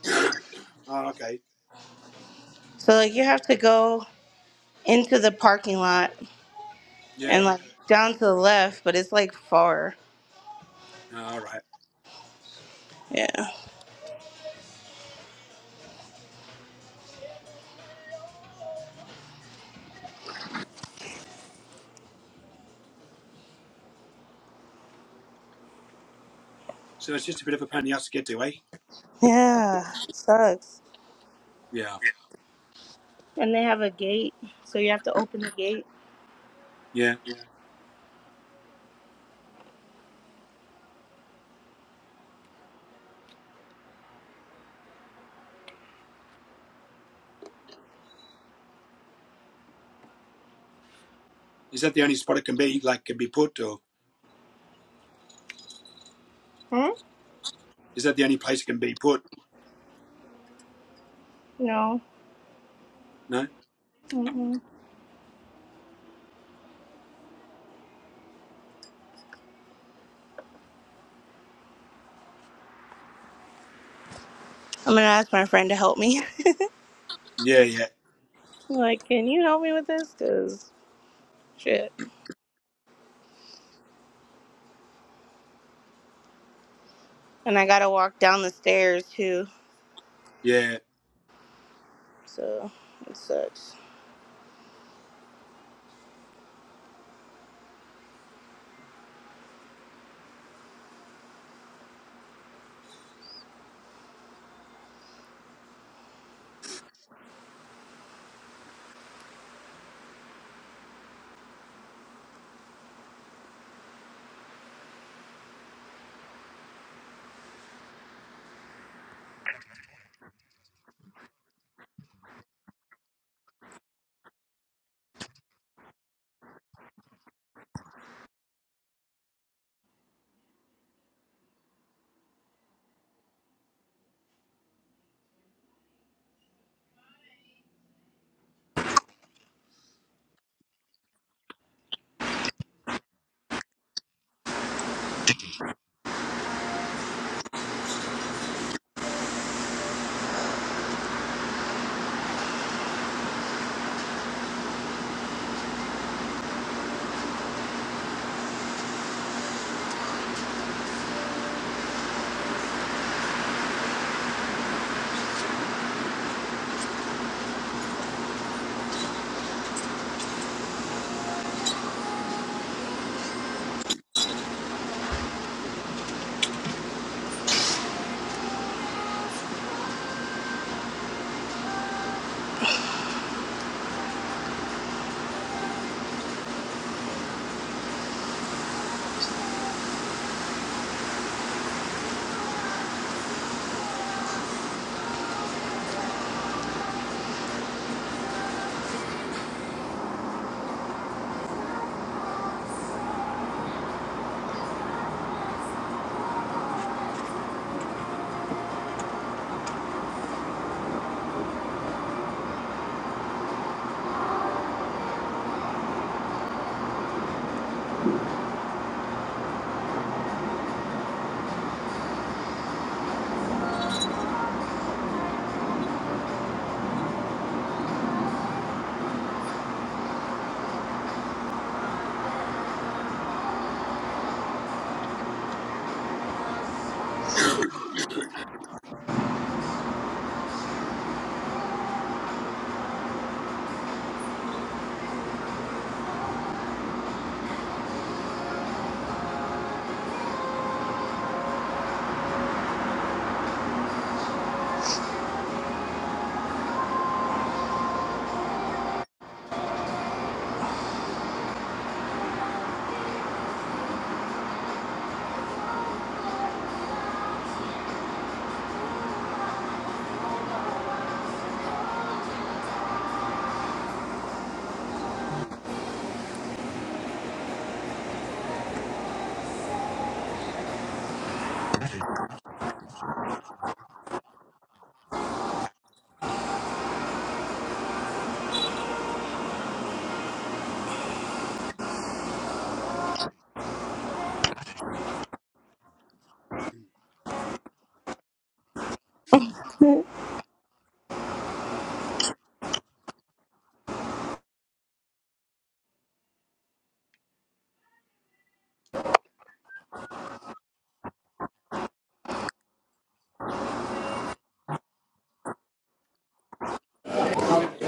Speaker 1: *coughs* Oh, okay.
Speaker 2: So, like, you have to go into the parking lot and,
Speaker 1: Yeah.
Speaker 2: like, down to the left, but it's, like, far.
Speaker 1: Oh, all right.
Speaker 2: Yeah.
Speaker 1: So it's just a bit of a pain in the ass to get to, eh?
Speaker 2: Yeah, it sucks.
Speaker 1: Yeah.
Speaker 2: And they have a gate, so you have to open the gate.
Speaker 1: Yeah. Is that the only spot it can be, like, can be put, or
Speaker 2: Huh?
Speaker 1: is that the only place it can be put?
Speaker 2: No.
Speaker 1: No.
Speaker 2: Mm-mm. I'm gonna ask my friend to help me.
Speaker 1: Yeah. Yeah.
Speaker 2: *laughs* like, can you help me with this? Cause shit. And I gotta walk down the stairs too.
Speaker 1: Yeah.
Speaker 2: So it sucks.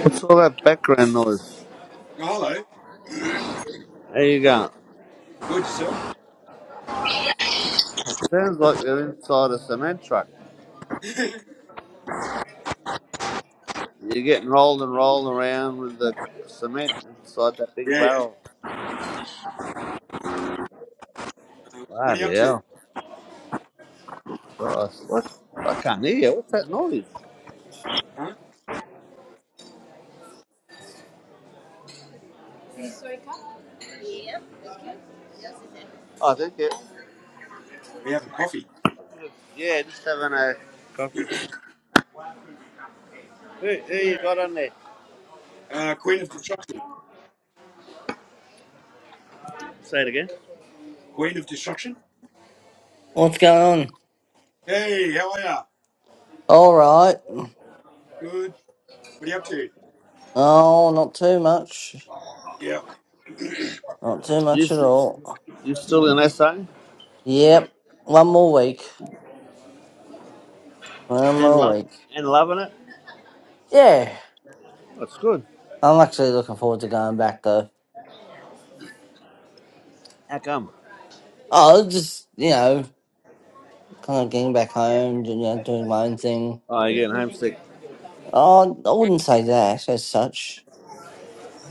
Speaker 3: What's all that background noise?
Speaker 1: Oh, hello.
Speaker 3: How you going?
Speaker 1: *coughs* Good yourself.
Speaker 3: Sounds like you're inside a cement truck.
Speaker 1: *laughs* yeah,
Speaker 3: You're getting rolled and rolled around with the cement inside that big
Speaker 1: yeah.
Speaker 3: barrel.
Speaker 1: Uh, what are you up
Speaker 3: Bloody
Speaker 1: to?
Speaker 3: hell. Christ. What? I can't hear you. What's that noise?
Speaker 1: Huh?
Speaker 3: Oh, thank you.
Speaker 1: Are you having coffee?
Speaker 3: Yeah, just having a
Speaker 1: *coughs*
Speaker 3: coffee. Who, who you got on there?
Speaker 1: Uh, Queen of Destruction.
Speaker 3: Say it again.
Speaker 1: Queen of Destruction.
Speaker 4: What's going on?
Speaker 1: Hey, how are ya?
Speaker 4: All right.
Speaker 1: Good. What are you up to?
Speaker 4: Oh, not too much.
Speaker 1: Yeah. *laughs*
Speaker 4: Not too
Speaker 3: You,
Speaker 4: much at all.
Speaker 3: you still in SA?
Speaker 4: Yep. One more week. One
Speaker 3: And
Speaker 4: more
Speaker 3: love
Speaker 4: week.
Speaker 3: and loving it?
Speaker 4: Yeah.
Speaker 3: That's good.
Speaker 4: I'm actually looking forward to going back though.
Speaker 3: How come?
Speaker 4: Oh, just you know, kind of getting back home, you know, doing my own thing.
Speaker 3: Oh, you're getting homesick.
Speaker 4: Oh, I wouldn't say that as such.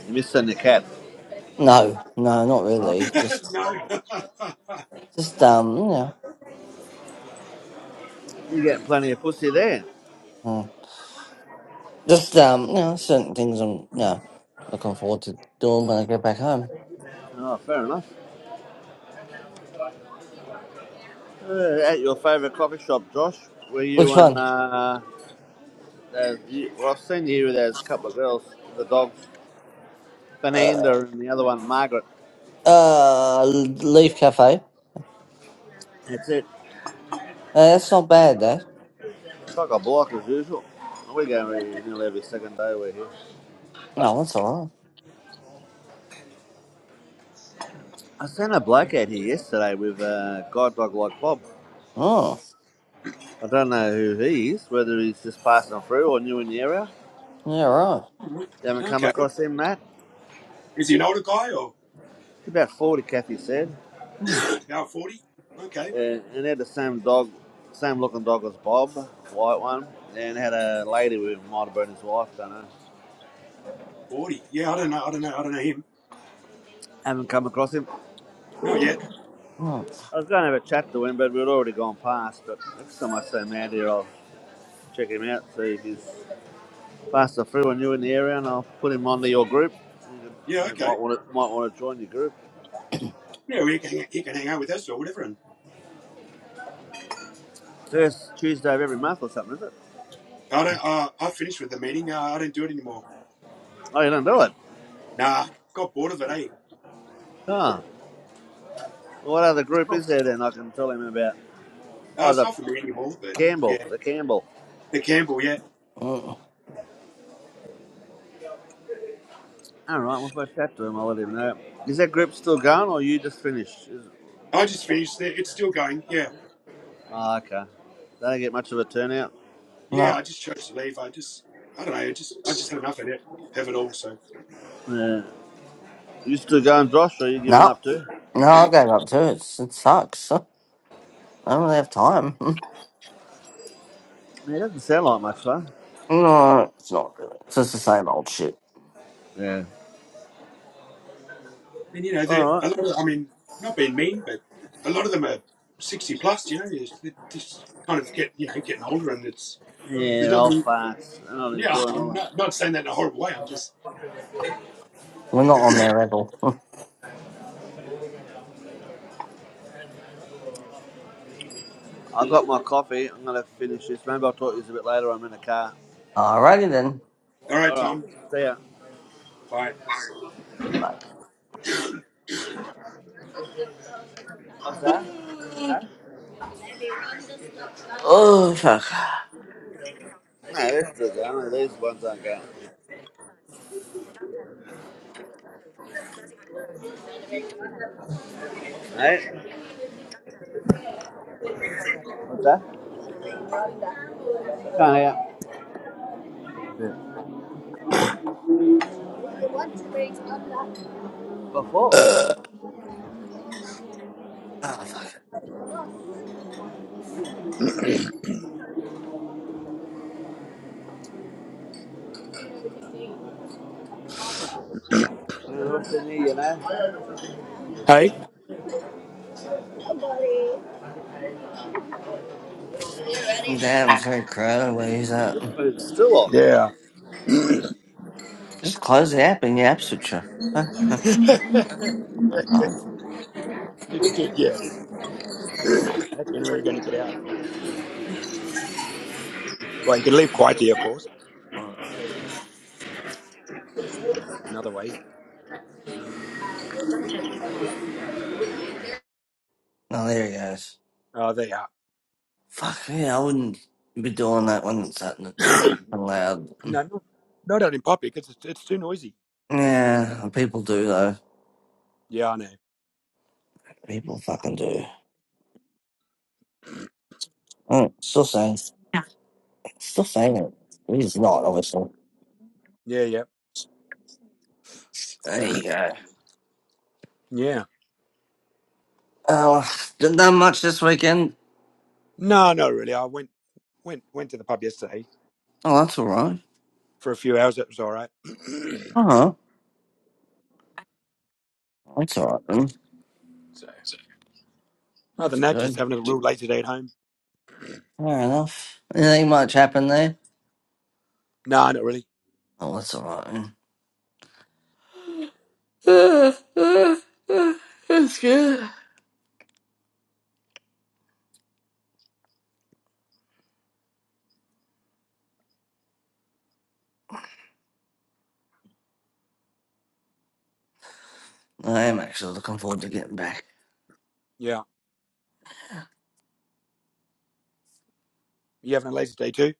Speaker 3: You're missing the cat.
Speaker 4: No, no, not
Speaker 3: Oh,
Speaker 4: really. Just,
Speaker 1: no.
Speaker 4: just um, you know,
Speaker 3: you're getting plenty of pussy there.
Speaker 4: mm, just um, you know, certain things I'm, you know, looking forward to doing when I get back home.
Speaker 3: Oh, fair enough. Uh, at your favourite coffee shop, Josh, were you
Speaker 4: Which
Speaker 3: and
Speaker 4: one?
Speaker 3: uh, there's, you, well, I've seen you. There's a couple of girls, the dogs,
Speaker 4: Uh,
Speaker 3: Fernanda and the other one, Margaret.
Speaker 4: Uh, Leaf Cafe. Uh,
Speaker 3: That's it.
Speaker 4: that's not bad, though.
Speaker 3: It's like a block as usual. We go every- nearly every second day we're here.
Speaker 4: No, that's alright.
Speaker 3: I seen a bloke out here yesterday with a guide dog like Bob.
Speaker 4: Oh,
Speaker 3: I don't know who he is, whether he's just passing through or new in the area.
Speaker 4: yeah, right.
Speaker 3: You
Speaker 1: *laughs*
Speaker 3: haven't come
Speaker 1: okay.
Speaker 3: across him, Matt?
Speaker 1: Is he an older guy or
Speaker 3: About 40, Kathy said.
Speaker 4: Mm,
Speaker 1: about forty? Okay,
Speaker 3: and, and they had the same dog, same looking dog as Bob, white one, and had a lady with him, might have been his wife, don't know.
Speaker 1: forty. Yeah, I don't know. I don't know. I don't know him.
Speaker 3: Haven't come across him.
Speaker 1: Not yet.
Speaker 4: mm,
Speaker 3: I was going to have a chat to him, but we'd already gone past. But next time I see him out here, I'll check him out, see if he's passed a through and you in the area, and I'll put him onto your group. You
Speaker 1: Yeah.
Speaker 3: might
Speaker 1: Okay.
Speaker 3: want to might want to join your group.
Speaker 1: Yeah, well, he can hang, he can hang out with us or whatever. And
Speaker 3: First Tuesday of every month or something, is it?
Speaker 1: I don't. Uh, I finished with the meeting. Uh, I don't do it anymore.
Speaker 3: Oh, you don't do it?
Speaker 1: Nah, got bored of it. Eh.
Speaker 3: Huh. Well, What other group is there then? I can tell him about.
Speaker 1: Uh,
Speaker 3: Oh,
Speaker 1: it's
Speaker 3: the
Speaker 1: not for me anymore. But
Speaker 3: Campbell,
Speaker 1: yeah,
Speaker 3: the Campbell.
Speaker 1: the Campbell. Yeah,
Speaker 4: mm.
Speaker 3: All right, well, if I chat to him, I'll let him know. Is that group still going, or you just finished? Is-
Speaker 1: I just finished. It. It's still going. Yeah.
Speaker 3: Oh, okay. They don't get much of a turnout.
Speaker 1: Yeah.
Speaker 4: No,
Speaker 1: I just chose to leave. I just. I don't know. I just. I just had enough of it. Of it all. So.
Speaker 3: Yeah. You still going, Josh, or you giving
Speaker 4: no,
Speaker 3: up too?
Speaker 4: no, I gave up too. It's, it sucks. *laughs* I don't really have time. *laughs*
Speaker 3: Yeah, it doesn't sound like much fun.
Speaker 4: no, it's not really. It's just the same old shit.
Speaker 3: Yeah.
Speaker 1: And you know, they're
Speaker 3: All right.
Speaker 1: a lot of. I mean, not being mean, but a lot of them are sixty plus. You know, they just kind of get you know getting older, and it's there's
Speaker 3: Yeah,
Speaker 1: not.
Speaker 3: old
Speaker 1: Really,
Speaker 3: farts. I'm not
Speaker 1: yeah,
Speaker 3: enjoying
Speaker 1: I'm
Speaker 3: life.
Speaker 1: not not saying that in a horrible way. I'm just
Speaker 4: We're not on their level. *laughs*
Speaker 3: I got my coffee. I'm going to finish this. Maybe I'll talk to you a bit later. I'm in the car.
Speaker 4: Alrighty then.
Speaker 1: all right,
Speaker 3: All right.
Speaker 1: Tom.
Speaker 3: See ya.
Speaker 1: Bye.
Speaker 4: Bye.
Speaker 3: What's that? Huh?
Speaker 4: Mm. Oh, fuck.
Speaker 3: No, they're still going. These ones aren't going. Hey? What's that? Can't hear. Before?
Speaker 4: *sighs* Uh, oh, fuck.
Speaker 3: Good afternoon, you know.
Speaker 1: Hey?
Speaker 3: Somebody.
Speaker 4: Damn, it's very crowded. Where he's at.
Speaker 3: This food's still on.
Speaker 1: Yeah.
Speaker 4: Just close the app and your app switcher. *laughs*
Speaker 1: *laughs* yeah,
Speaker 4: Oh,
Speaker 1: you can do it. Yeah. That's the only way you're going to get out. Well, you can leave quietly, of course. Another way.
Speaker 4: Oh, there he goes.
Speaker 1: Oh, there you are.
Speaker 4: Fuck, yeah, I wouldn't be doing that when it's that, that loud.
Speaker 1: No, no, no, not in public. It's, it's too noisy.
Speaker 4: Yeah, people do, though.
Speaker 1: Yeah, I know.
Speaker 4: People fucking do. Oh, still saying, still saying it. He's not, obviously.
Speaker 1: Yeah, yeah,
Speaker 4: There you go.
Speaker 1: yeah.
Speaker 4: Oh, didn't that much this weekend.
Speaker 1: No, no, really. I went went went to the pub yesterday
Speaker 4: Oh, that's all right.
Speaker 1: for a few hours. It was all right. *clears throat*
Speaker 4: Uh-huh. That's all right, then.
Speaker 1: so other
Speaker 4: That's
Speaker 1: than that, just
Speaker 4: good.
Speaker 1: having a real lazy day at home.
Speaker 4: Fair enough. Anything much happened there?
Speaker 1: No, not really.
Speaker 4: Oh, that's all right, then. Uh, uh, uh, *laughs* that's good. I am actually looking forward to getting back.
Speaker 1: Yeah, you having a lazy day too?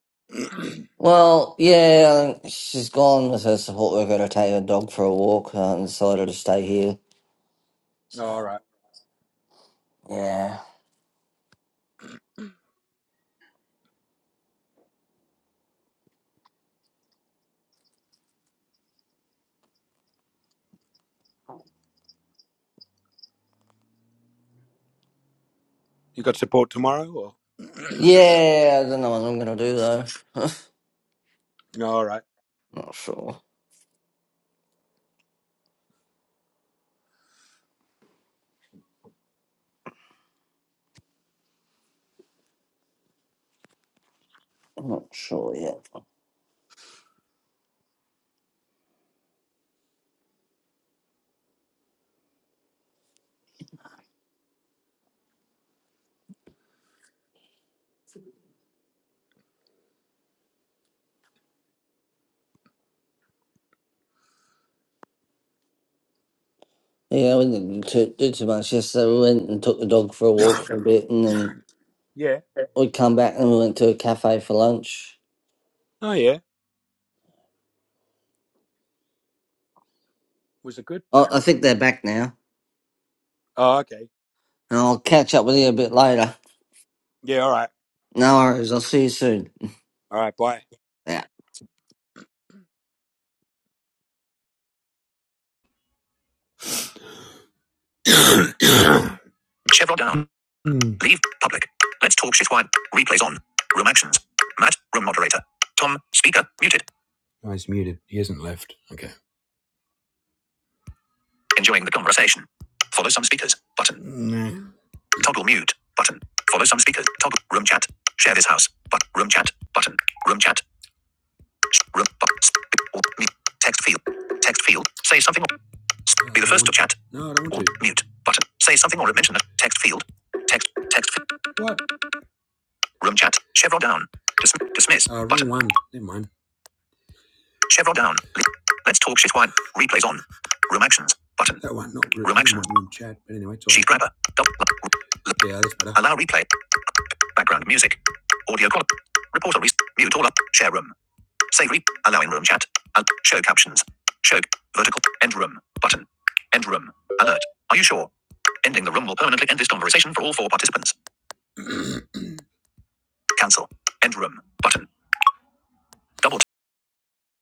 Speaker 4: Well, yeah, she's gone with her support worker to take her dog for a walk uh, and decided to stay here.
Speaker 1: Oh,
Speaker 4: So,
Speaker 1: all right.
Speaker 4: yeah.
Speaker 1: You got support tomorrow, or
Speaker 4: Yeah, I don't know what I'm going to do though. *laughs*
Speaker 1: no? All right.
Speaker 4: not sure. not sure yet. Yeah, we didn't too, do too much yesterday. We went and took the dog for a walk for a bit and then
Speaker 1: Yeah.
Speaker 4: we come back and we went to a cafe for lunch.
Speaker 1: Oh yeah. Was it good?
Speaker 4: I, I think they're back now.
Speaker 1: Oh okay.
Speaker 4: And I'll catch up with you a bit later.
Speaker 1: Yeah. All right.
Speaker 4: No worries. I'll see you soon.
Speaker 1: All right. Bye.
Speaker 4: Yeah.
Speaker 1: *coughs* Chevron down. Hmm. Leave public. Let's talk shit. Wide. Replays on. Room actions. Matt, room moderator. Tom, speaker, muted. No, he's muted. He hasn't left. Okay. Enjoying the conversation. Follow some speakers. Button. No. Toggle mute button. Follow some speakers. Toggle room chat. Share this house. But room chat button. Room chat. Room but, Text field. Text field. Say something. Or, be the first to chat. No, I don't want to. Mute button. Say something or mention a text field. Text. Text. What? Room chat. Chevron down. Dis- dismiss. Uh, button. Rewind. Never mind. Chevron down. Let's talk shit. Wine. Replays on. Room actions button. That one. Not room, room actions. Room chat. But anyway, right. sheet grabber. Double, yeah, that's better. Allow replay. Background music. Audio quality. Report on mute all up. Share room. Save re- allow room chat. Al- show captions. Show vertical end room button. End room alert. Are you sure? Ending the room will permanently end this conversation for all four participants. *clears throat* *coughs* Cancel. End room button. Double.